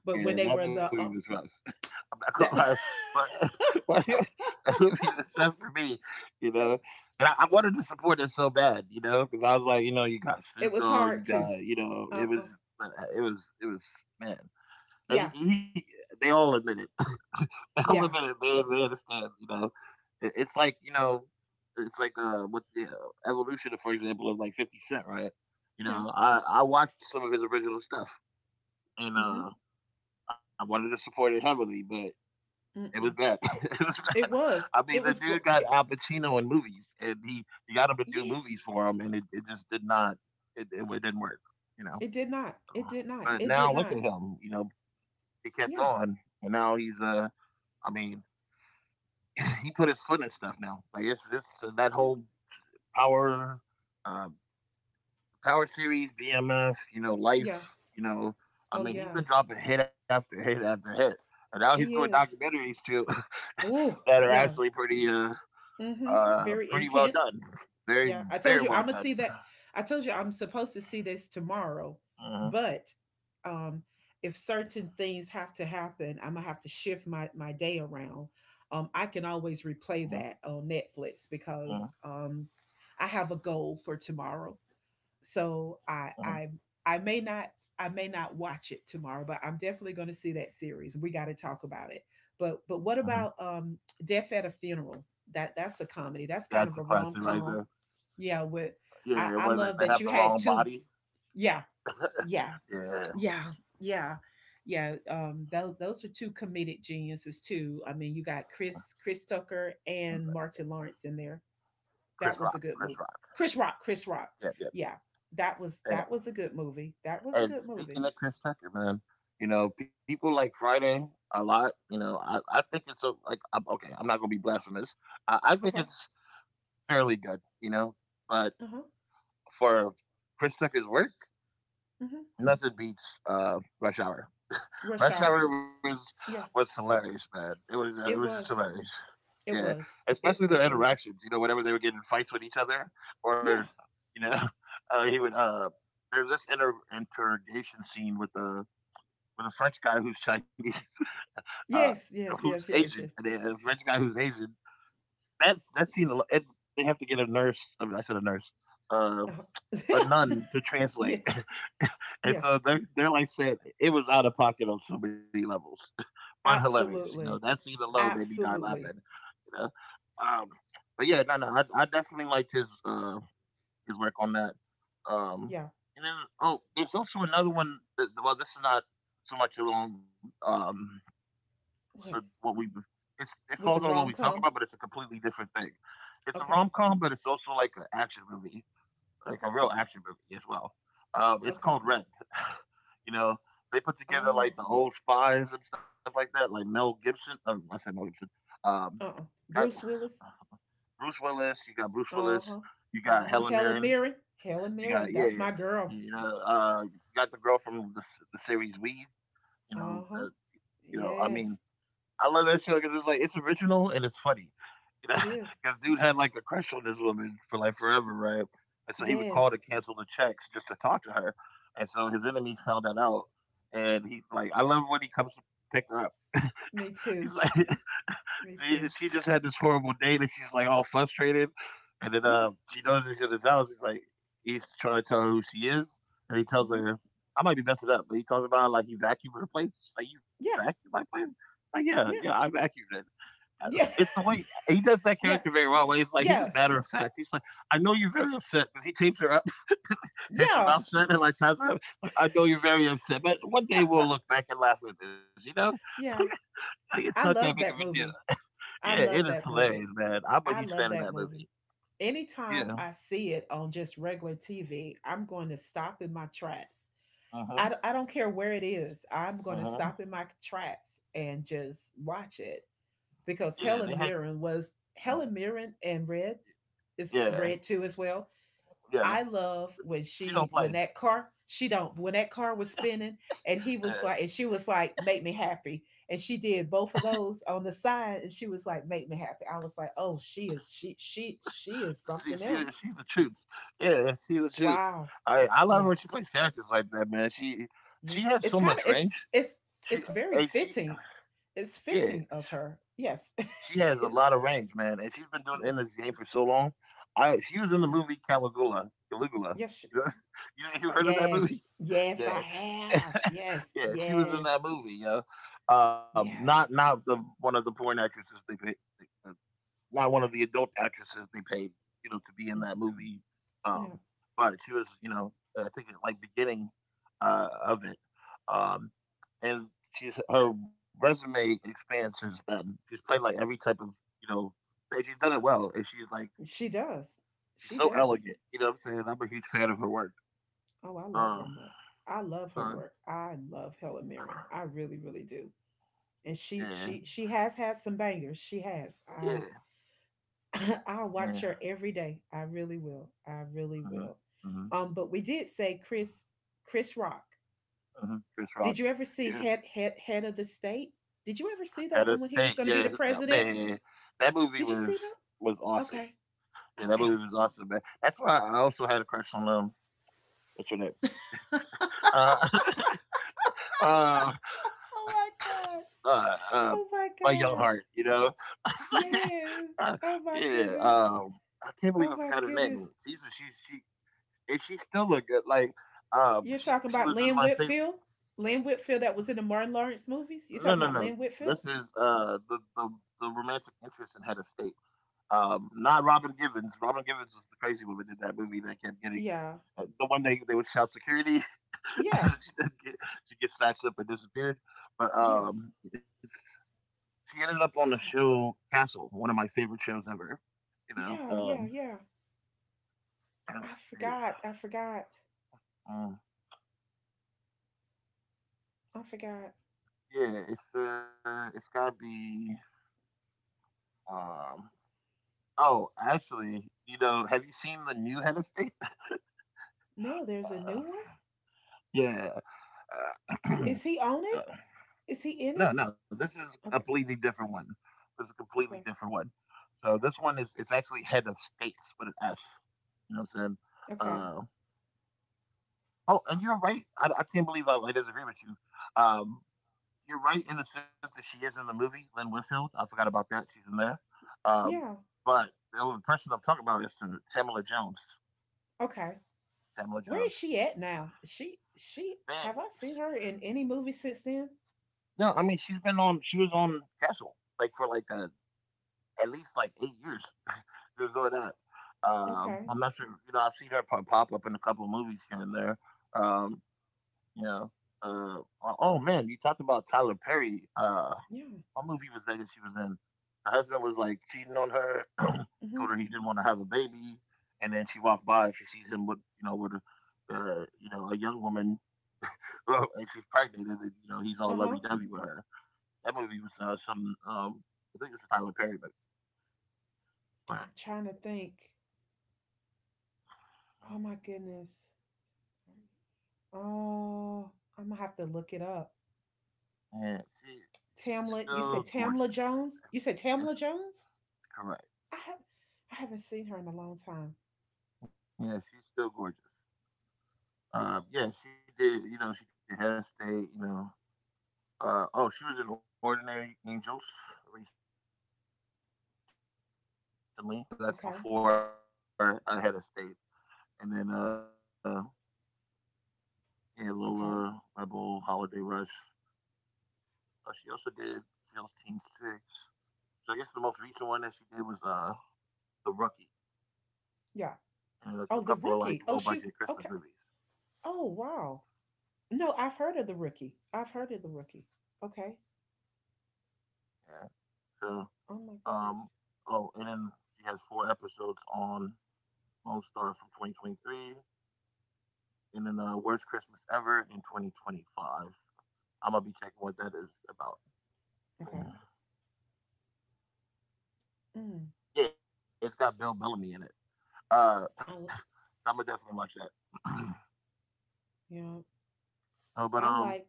but when they Yeah, were that the, movie was rough. I'm not gonna that lie, but but that movie was rough for me, you yes, know? And I wanted to support it so bad, you know, because I was like, you know, you got it Snoop was Dogg, hard you too. got it uh, was but, uh, it was it was man. Uh, yeah, he- he- they all admit it. They all admit yeah, it. They understand. You know, it's like with the evolution, for example, of like Fifty Cent, right? You yeah. know, I watched some of his original stuff, and Mm-hmm. I wanted to support it heavily, but it was Mm-mm. bad. It was bad. It was I mean, it the was dude got Al Pacino in movies, and he got him to do yes. movies for him, and it just did not. It didn't work. You know, It did not. It did not. but It did now look at not. him. You know, he kept Yeah. going, and now he's I mean, he put his foot in stuff now. Like it's just that Yeah. whole power, uh, power series, BMF, life, Yeah. you know. I Oh mean, he's yeah. been dropping hit after hit after hit, and now he's doing He is. documentaries too that Oh are actually yeah. pretty, uh, Mm-hmm. uh, Very pretty well intense. done. Very, Yeah. I told very you well I'm gonna done. see that. I told you I'm supposed to see this tomorrow, Hmm. but um, if certain things have to happen, I'm gonna have to shift my day around. I can Hmm. always replay that on Hmm. Netflix because I have a goal for tomorrow, so Hmm. I may not I may not watch it tomorrow, but I'm definitely going to see that series. We got to talk about it. But Hmm. what about Death at a Funeral? That's a comedy. That's That's a kind of a classic rom right there. com. Yeah, with, I Yeah, I was it? love They that have you the had wrong two. body. Yeah, yeah, Yeah, yeah, yeah, yeah. Those are two comedic geniuses too. I mean, you got Chris Tucker and Martin Lawrence in there. Chris That Rock. was a good Chris movie. Rock. Chris Rock, Chris Rock. Yeah, yeah. Yeah, that was that Yeah. was a good movie. That was a And good movie. speaking of Chris Tucker, man, people like Friday a lot. You know, I think it's a, like, I'm, okay, I'm not going to be blasphemous. I think Okay. it's fairly good, but Uh huh. for Chris Tucker's work, Hmm. nothing beats Rush Hour. Rush Rush Hour. Hour was Yeah, hilarious, man. It was it just was. hilarious. It Yeah, was. It especially their it was. interactions. You know, whenever they were getting fights with each other, or Yeah. you know, he would. There's this interrogation scene with the with a French guy who's Chinese, uh, Yes. Yes. who's Yes. Asian, Yes. Yes. and a French guy who's Asian. That scene, and they have to get a nurse. I mean, I said a nurse, uh, a Uh-huh. nun to Yes. translate, and Yes. so they're like said it was out of pocket on so many levels, but hilarious. You know that Absolutely. scene alone made me die laughing. Absolutely. You know, um, but yeah, no, no, I definitely liked his his work on that. Um, Yeah. and then oh, there's also another one. That, well, this is not so much along What, what we it's it falls with the on what we rom talk about, com? but it's a completely different thing. It's a Okay. rom com, but it's also like an action movie, like Okay. a real action movie as well. It's Okay. called Red. you know, they put together like Oh. the old spies and stuff like that, like Mel Gibson. Oh, I said Mel Gibson. Um, Uh. uh got Bruce Willis. Bruce Willis. You got Bruce Uh Willis. huh. You Uh got huh. Helen Helen Mirren. Mirren. Helen You got Mirren. Yeah, That's yeah. my girl. You know, you got the girl from the series Weed. You Uh huh. know, I mean, Yes, I love that show because it's like it's original and it's funny. You know, it is. because dude had like a crush on this woman for like Y- forever, right? And so he would call to Yes, cancel the checks just to talk to her. And so his enemies found that out. And he like, I love when he comes to pick her up. me He's like, too. Me she too. just had this horrible date, and she's like all frustrated. And then Yeah. She knows he's in his house. He's like, he's trying to tell her who she is, and he tells Hmm. her, "I might be messing up," but he talks about like he vacuumed her place. She's like, "You Yeah. vacuumed my place?" Like, yeah, yeah, I Yeah. vacuumed it. Uh, It's Yeah. the way he does that character Yeah. very well. Where he's like, he's just Yeah. matter of fact. He's like, I know you're very upset because he tapes her up, tapes her Yeah. mouth shut, and like ties her up. Like, I know you're very upset, but one day we'll look back and laugh at this. You know, Yeah. like, it's not I that big of love a that deal. movie. Yeah, I it is love that hilarious, movie. man. I'm a I huge fan love of that that movie. movie. Anytime Yeah. I see it on just regular TV, I'm going to stop in my tracks. Uh huh. I don't care where it is. I'm going Uh to huh. stop in my tracks and just watch it Yeah, because they had Helen Mirren was Helen Mirren and Red. Is yeah, red too as well. yeah. I love when She don't she, when play. that car she don't, when that car was spinning and he Yeah. was like, and she was like, make me happy, and she did both of those on the side and she was like, make me happy. I was like, oh, she is she she she She is she something she's the else. truth. Yeah, she's the truth. Wow, I love her when she yeah, plays characters like that, man. She me has too. so It's much kind of, if range. it's She it's and very she fitting. It's Yeah. fitting of her. Yes. She has a lot of It's- range, man, and she's been doing it in yeah. this game for so long. I She was in the Yeah. movie Caligula. Caligula. Yes. You know, you heard of that Yes. movie? Yes, Yeah, I have. Yes. yeah. She was in Yes. that movie, yo. Not, Yes. The one of the porn actresses they picked, not one of the adult actresses they paid, to be in that Mhm. movie. Um, Yeah, but she was, I think at like beginning of it. Um, and she's Her resume expands since then. She's played like every type of, you know, and she's done it well. And she does. she's She so does. elegant. You know what I'm saying? I'm a huge fan of her work. Oh, I love her Um, much. I love her so, work. I love Helen Mirren. I really, really do. And yeah, she has had some bangers. She has. I, yeah, I'll watch yeah. her every day. I really will. I really hmm will. hmm But we did say Chris, Rock. Chris Did you Rock. ever see Yeah. head of the state? Did you ever see that Head one of when he was State, going to be the yes, president? man, that movie Did you see was that? awesome. Okay. Yeah, that Okay. movie was awesome, man. That's why I also had a crush on what's her name? Uh, uh, Oh my god. uh, uh, Oh my my young heart, god. you know. Yes. Uh, Oh my yeah, goodness. um, I can't believe I Oh my forgot her name. goodness. She's she if she still look good. You're She talking about was in Lynn my favorite. Whitfield? Lynn Whitfield that was in the Martin Lawrence movies? You're No, talking no, about no. Lynn This Whitfield? is uh, the romantic interest in Head of State. Not Robin Givens. Robin Givens was the crazy woman in that movie that kept getting Yeah. The 1 day they would shout security. Yeah. she, didn't get, she gets snatched up and disappeared. But Yes. um, it's, she ended up on the Um, show Castle, one of my favorite shows ever. You know, yeah, yeah, um, yeah. of I state. forgot. I forgot. Um, I forgot. It's gotta be. Um, oh, Actually, you know, have you seen the new Head of State? No, there's a new one? Yeah, uh, Is he on it? uh, Is he in it? No, no, this is a Okay. completely different one. This is a completely Okay. different one. So this one is it's actually head of states with an S. You know what I'm saying? Okay. Uh, oh, and you're right. I can't believe I disagree with you. Um, you're right in the sense that she is in the movie, Lynn Whitfield. I forgot about that. She's in there. Um, Yeah. but the only person I'm talking about is Tamala Jones. Okay. Tamala Where is Jones. she at now? Is she, Man, have I seen her in any movie since then? no, I mean she's been on. She was on Castle like for like at least like 8 years. Just doing that. Okay. I'm not sure. You know, I've seen her pop up in a couple of movies here and there. Um, you know, oh, Man, you talked about Tyler Perry. Yeah. What movie was that that she was in? Her husband was like cheating on her. Mhm. Told her he didn't want to have a baby, and then she walked by and she sees him with, you know, with a, you know, a young woman. And she's pregnant, and then, you know, he's all Uh-huh. lovey dovey with her. That movie was some I think it's a Tyler Perry movie, I'm but. trying to think. Oh my uh, goodness. Oh, I'm gonna have to look it up. Yeah, Tamla, she's you said still Tamla gorgeous to Jones? this You day. said Tamla Yes, Jones? I correct. have I haven't seen her in a long time. Yeah, she's still gorgeous. Yeah, she did. You know, she did Head State. She was in Ordinary Angels recently. You know, but that's Okay. That's before Head of State, and then yeah, Lola Rebel, Okay. Holiday Rush. She also did Seals Team Six. I guess the most recent one that she did was The Rookie, and Yeah. A couple of like Oh, the low budget rookie. Oh Christmas she. movies. Okay. Oh wow. No, I've heard of the rookie. I've heard of the rookie. Okay. Yeah, so. Oh my Um, goodness. oh, and then she has 4 episodes on Lone Star from 2023, and then Worst Christmas Ever in 2025. I'm gonna be checking what that is Okay. about. Mm. Yeah, it's got Bill Bellamy in it. Uh, I I'm gonna definitely watch that. you know, oh, but I um, like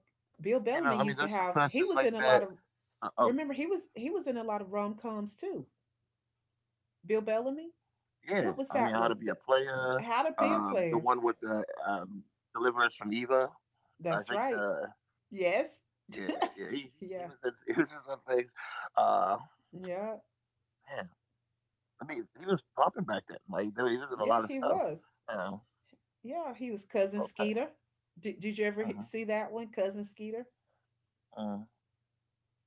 Bill I mean, Bellamy there's used to some have, classes he like was in a that. lot of, Uh, oh, remember, he was in a lot of rom coms too, Bill Bellamy? yeah. What I was mean, that How to one? Be a The, Player. How to Be a The Player. one with the Deliver Us from Eva. That's I think right. the Yes. Yeah, yeah. He Yeah. he was in he was in some things. Uh, Yeah. Man, I mean, he was popping back then. Like, he Yeah, was in a he lot of was. stuff. Um, Yeah, he was Cousin Skeeter. okay. Did you ever see that hmm one, Cousin Skeeter? mm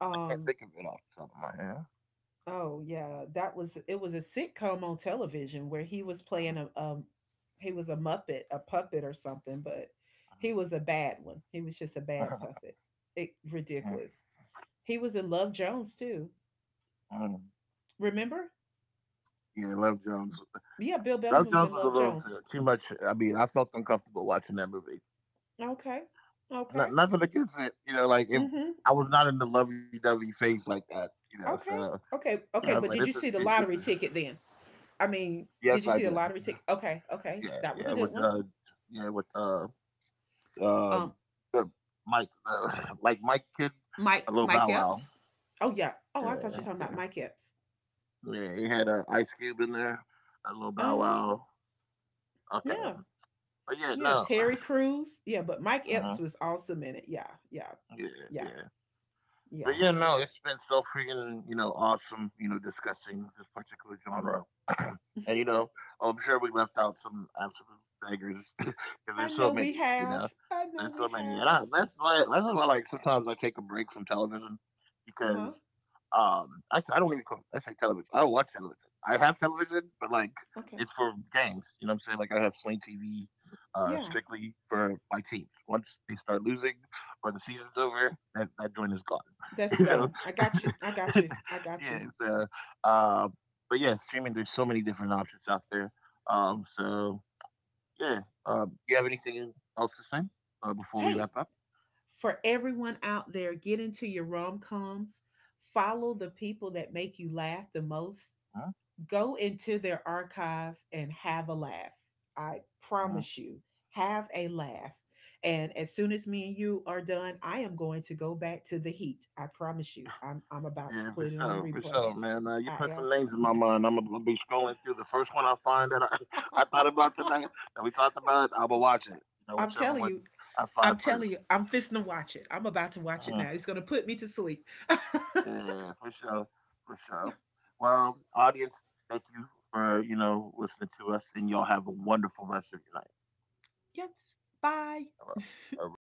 Um, I can't think of it off the top of my head. oh yeah, that was it was a sitcom on television where he was playing a, hmm he was a muppet, a puppet or something, but he was a bad one. He was just a bad hmm puppet. It Yeah. ridiculous. He was in Love Jones too. Um, Remember? yeah, Love Jones. Yeah, Bill Bellamy Love was Jones in was a Love little Jones. Too much. I mean, I felt uncomfortable watching that movie. Okay. Okay. Nothing against it, you know. Mm-hmm. I was not in the lovey-dovey phase like that, you know. Okay. So Okay. yeah, I was Okay. like, But this did you is see too. the This is lottery ticket then? I mean, Yes, did you I see the did. lottery ticket? Okay. Okay. Yeah, That was a good one. Yeah, with, uh, Um, the Mike, like, Mike Kid, a Mike little Mike Bow Wow. Epps. Oh yeah. Oh, I thought you were Yeah, talking about yeah. Mike Epps. Yeah, he had, Ice Cube in there, a little Bow Uh-huh. Wow. Okay, Yeah. but yeah, Yeah. no. Terry Crews. Yeah, but Mike Epps Mhm. was awesome in it. Yeah, yeah, Yeah, yeah, yeah. But yeah, yeah. no, it's been so freaking, you know, awesome, you know, discussing this particular genre. And, you know, I'm sure we left out some absolute beggars because I there's so know we many, you know, have. I know there's so we many. Have. That's why, like, sometimes I take a break from television Uh-huh. because, actually, I say television. I don't watch television. I have television, but, like, Okay. it's for games. You know what I'm saying? Like, I have Sling TV Yeah. strictly for my teams. Once they start losing or the season's over, that joint is gone. That's you know, done. I got you. I got you. I got yeah. you. So, uh, uh, but yeah, streaming. There's so many different options out there. So, yeah. You have anything else to say before we Hey, wrap up? for everyone out there, get into your rom coms, follow the people that make you laugh the most, Huh? go into their archive and have a laugh. I Uh-huh. promise you, have a laugh. And as soon as me and you are done, I am going to go back to the heat. I promise you, I'm about to Yeah, put it on for replay. sure, man. You put I some names in my mind. I'm gonna be scrolling through the first one I find that I thought am. about tonight that we talked about. I will be watching it. You know, I'm whichever telling one you, I I'm find telling first. you, I'm fisting to watch it. I'm about to watch it Uh, now. It's going to put me to sleep. Yeah, for sure, for Yeah, sure. Well, audience, thank you for listening to us, and y'all have a wonderful rest of your night. yes. Bye. All right. All right.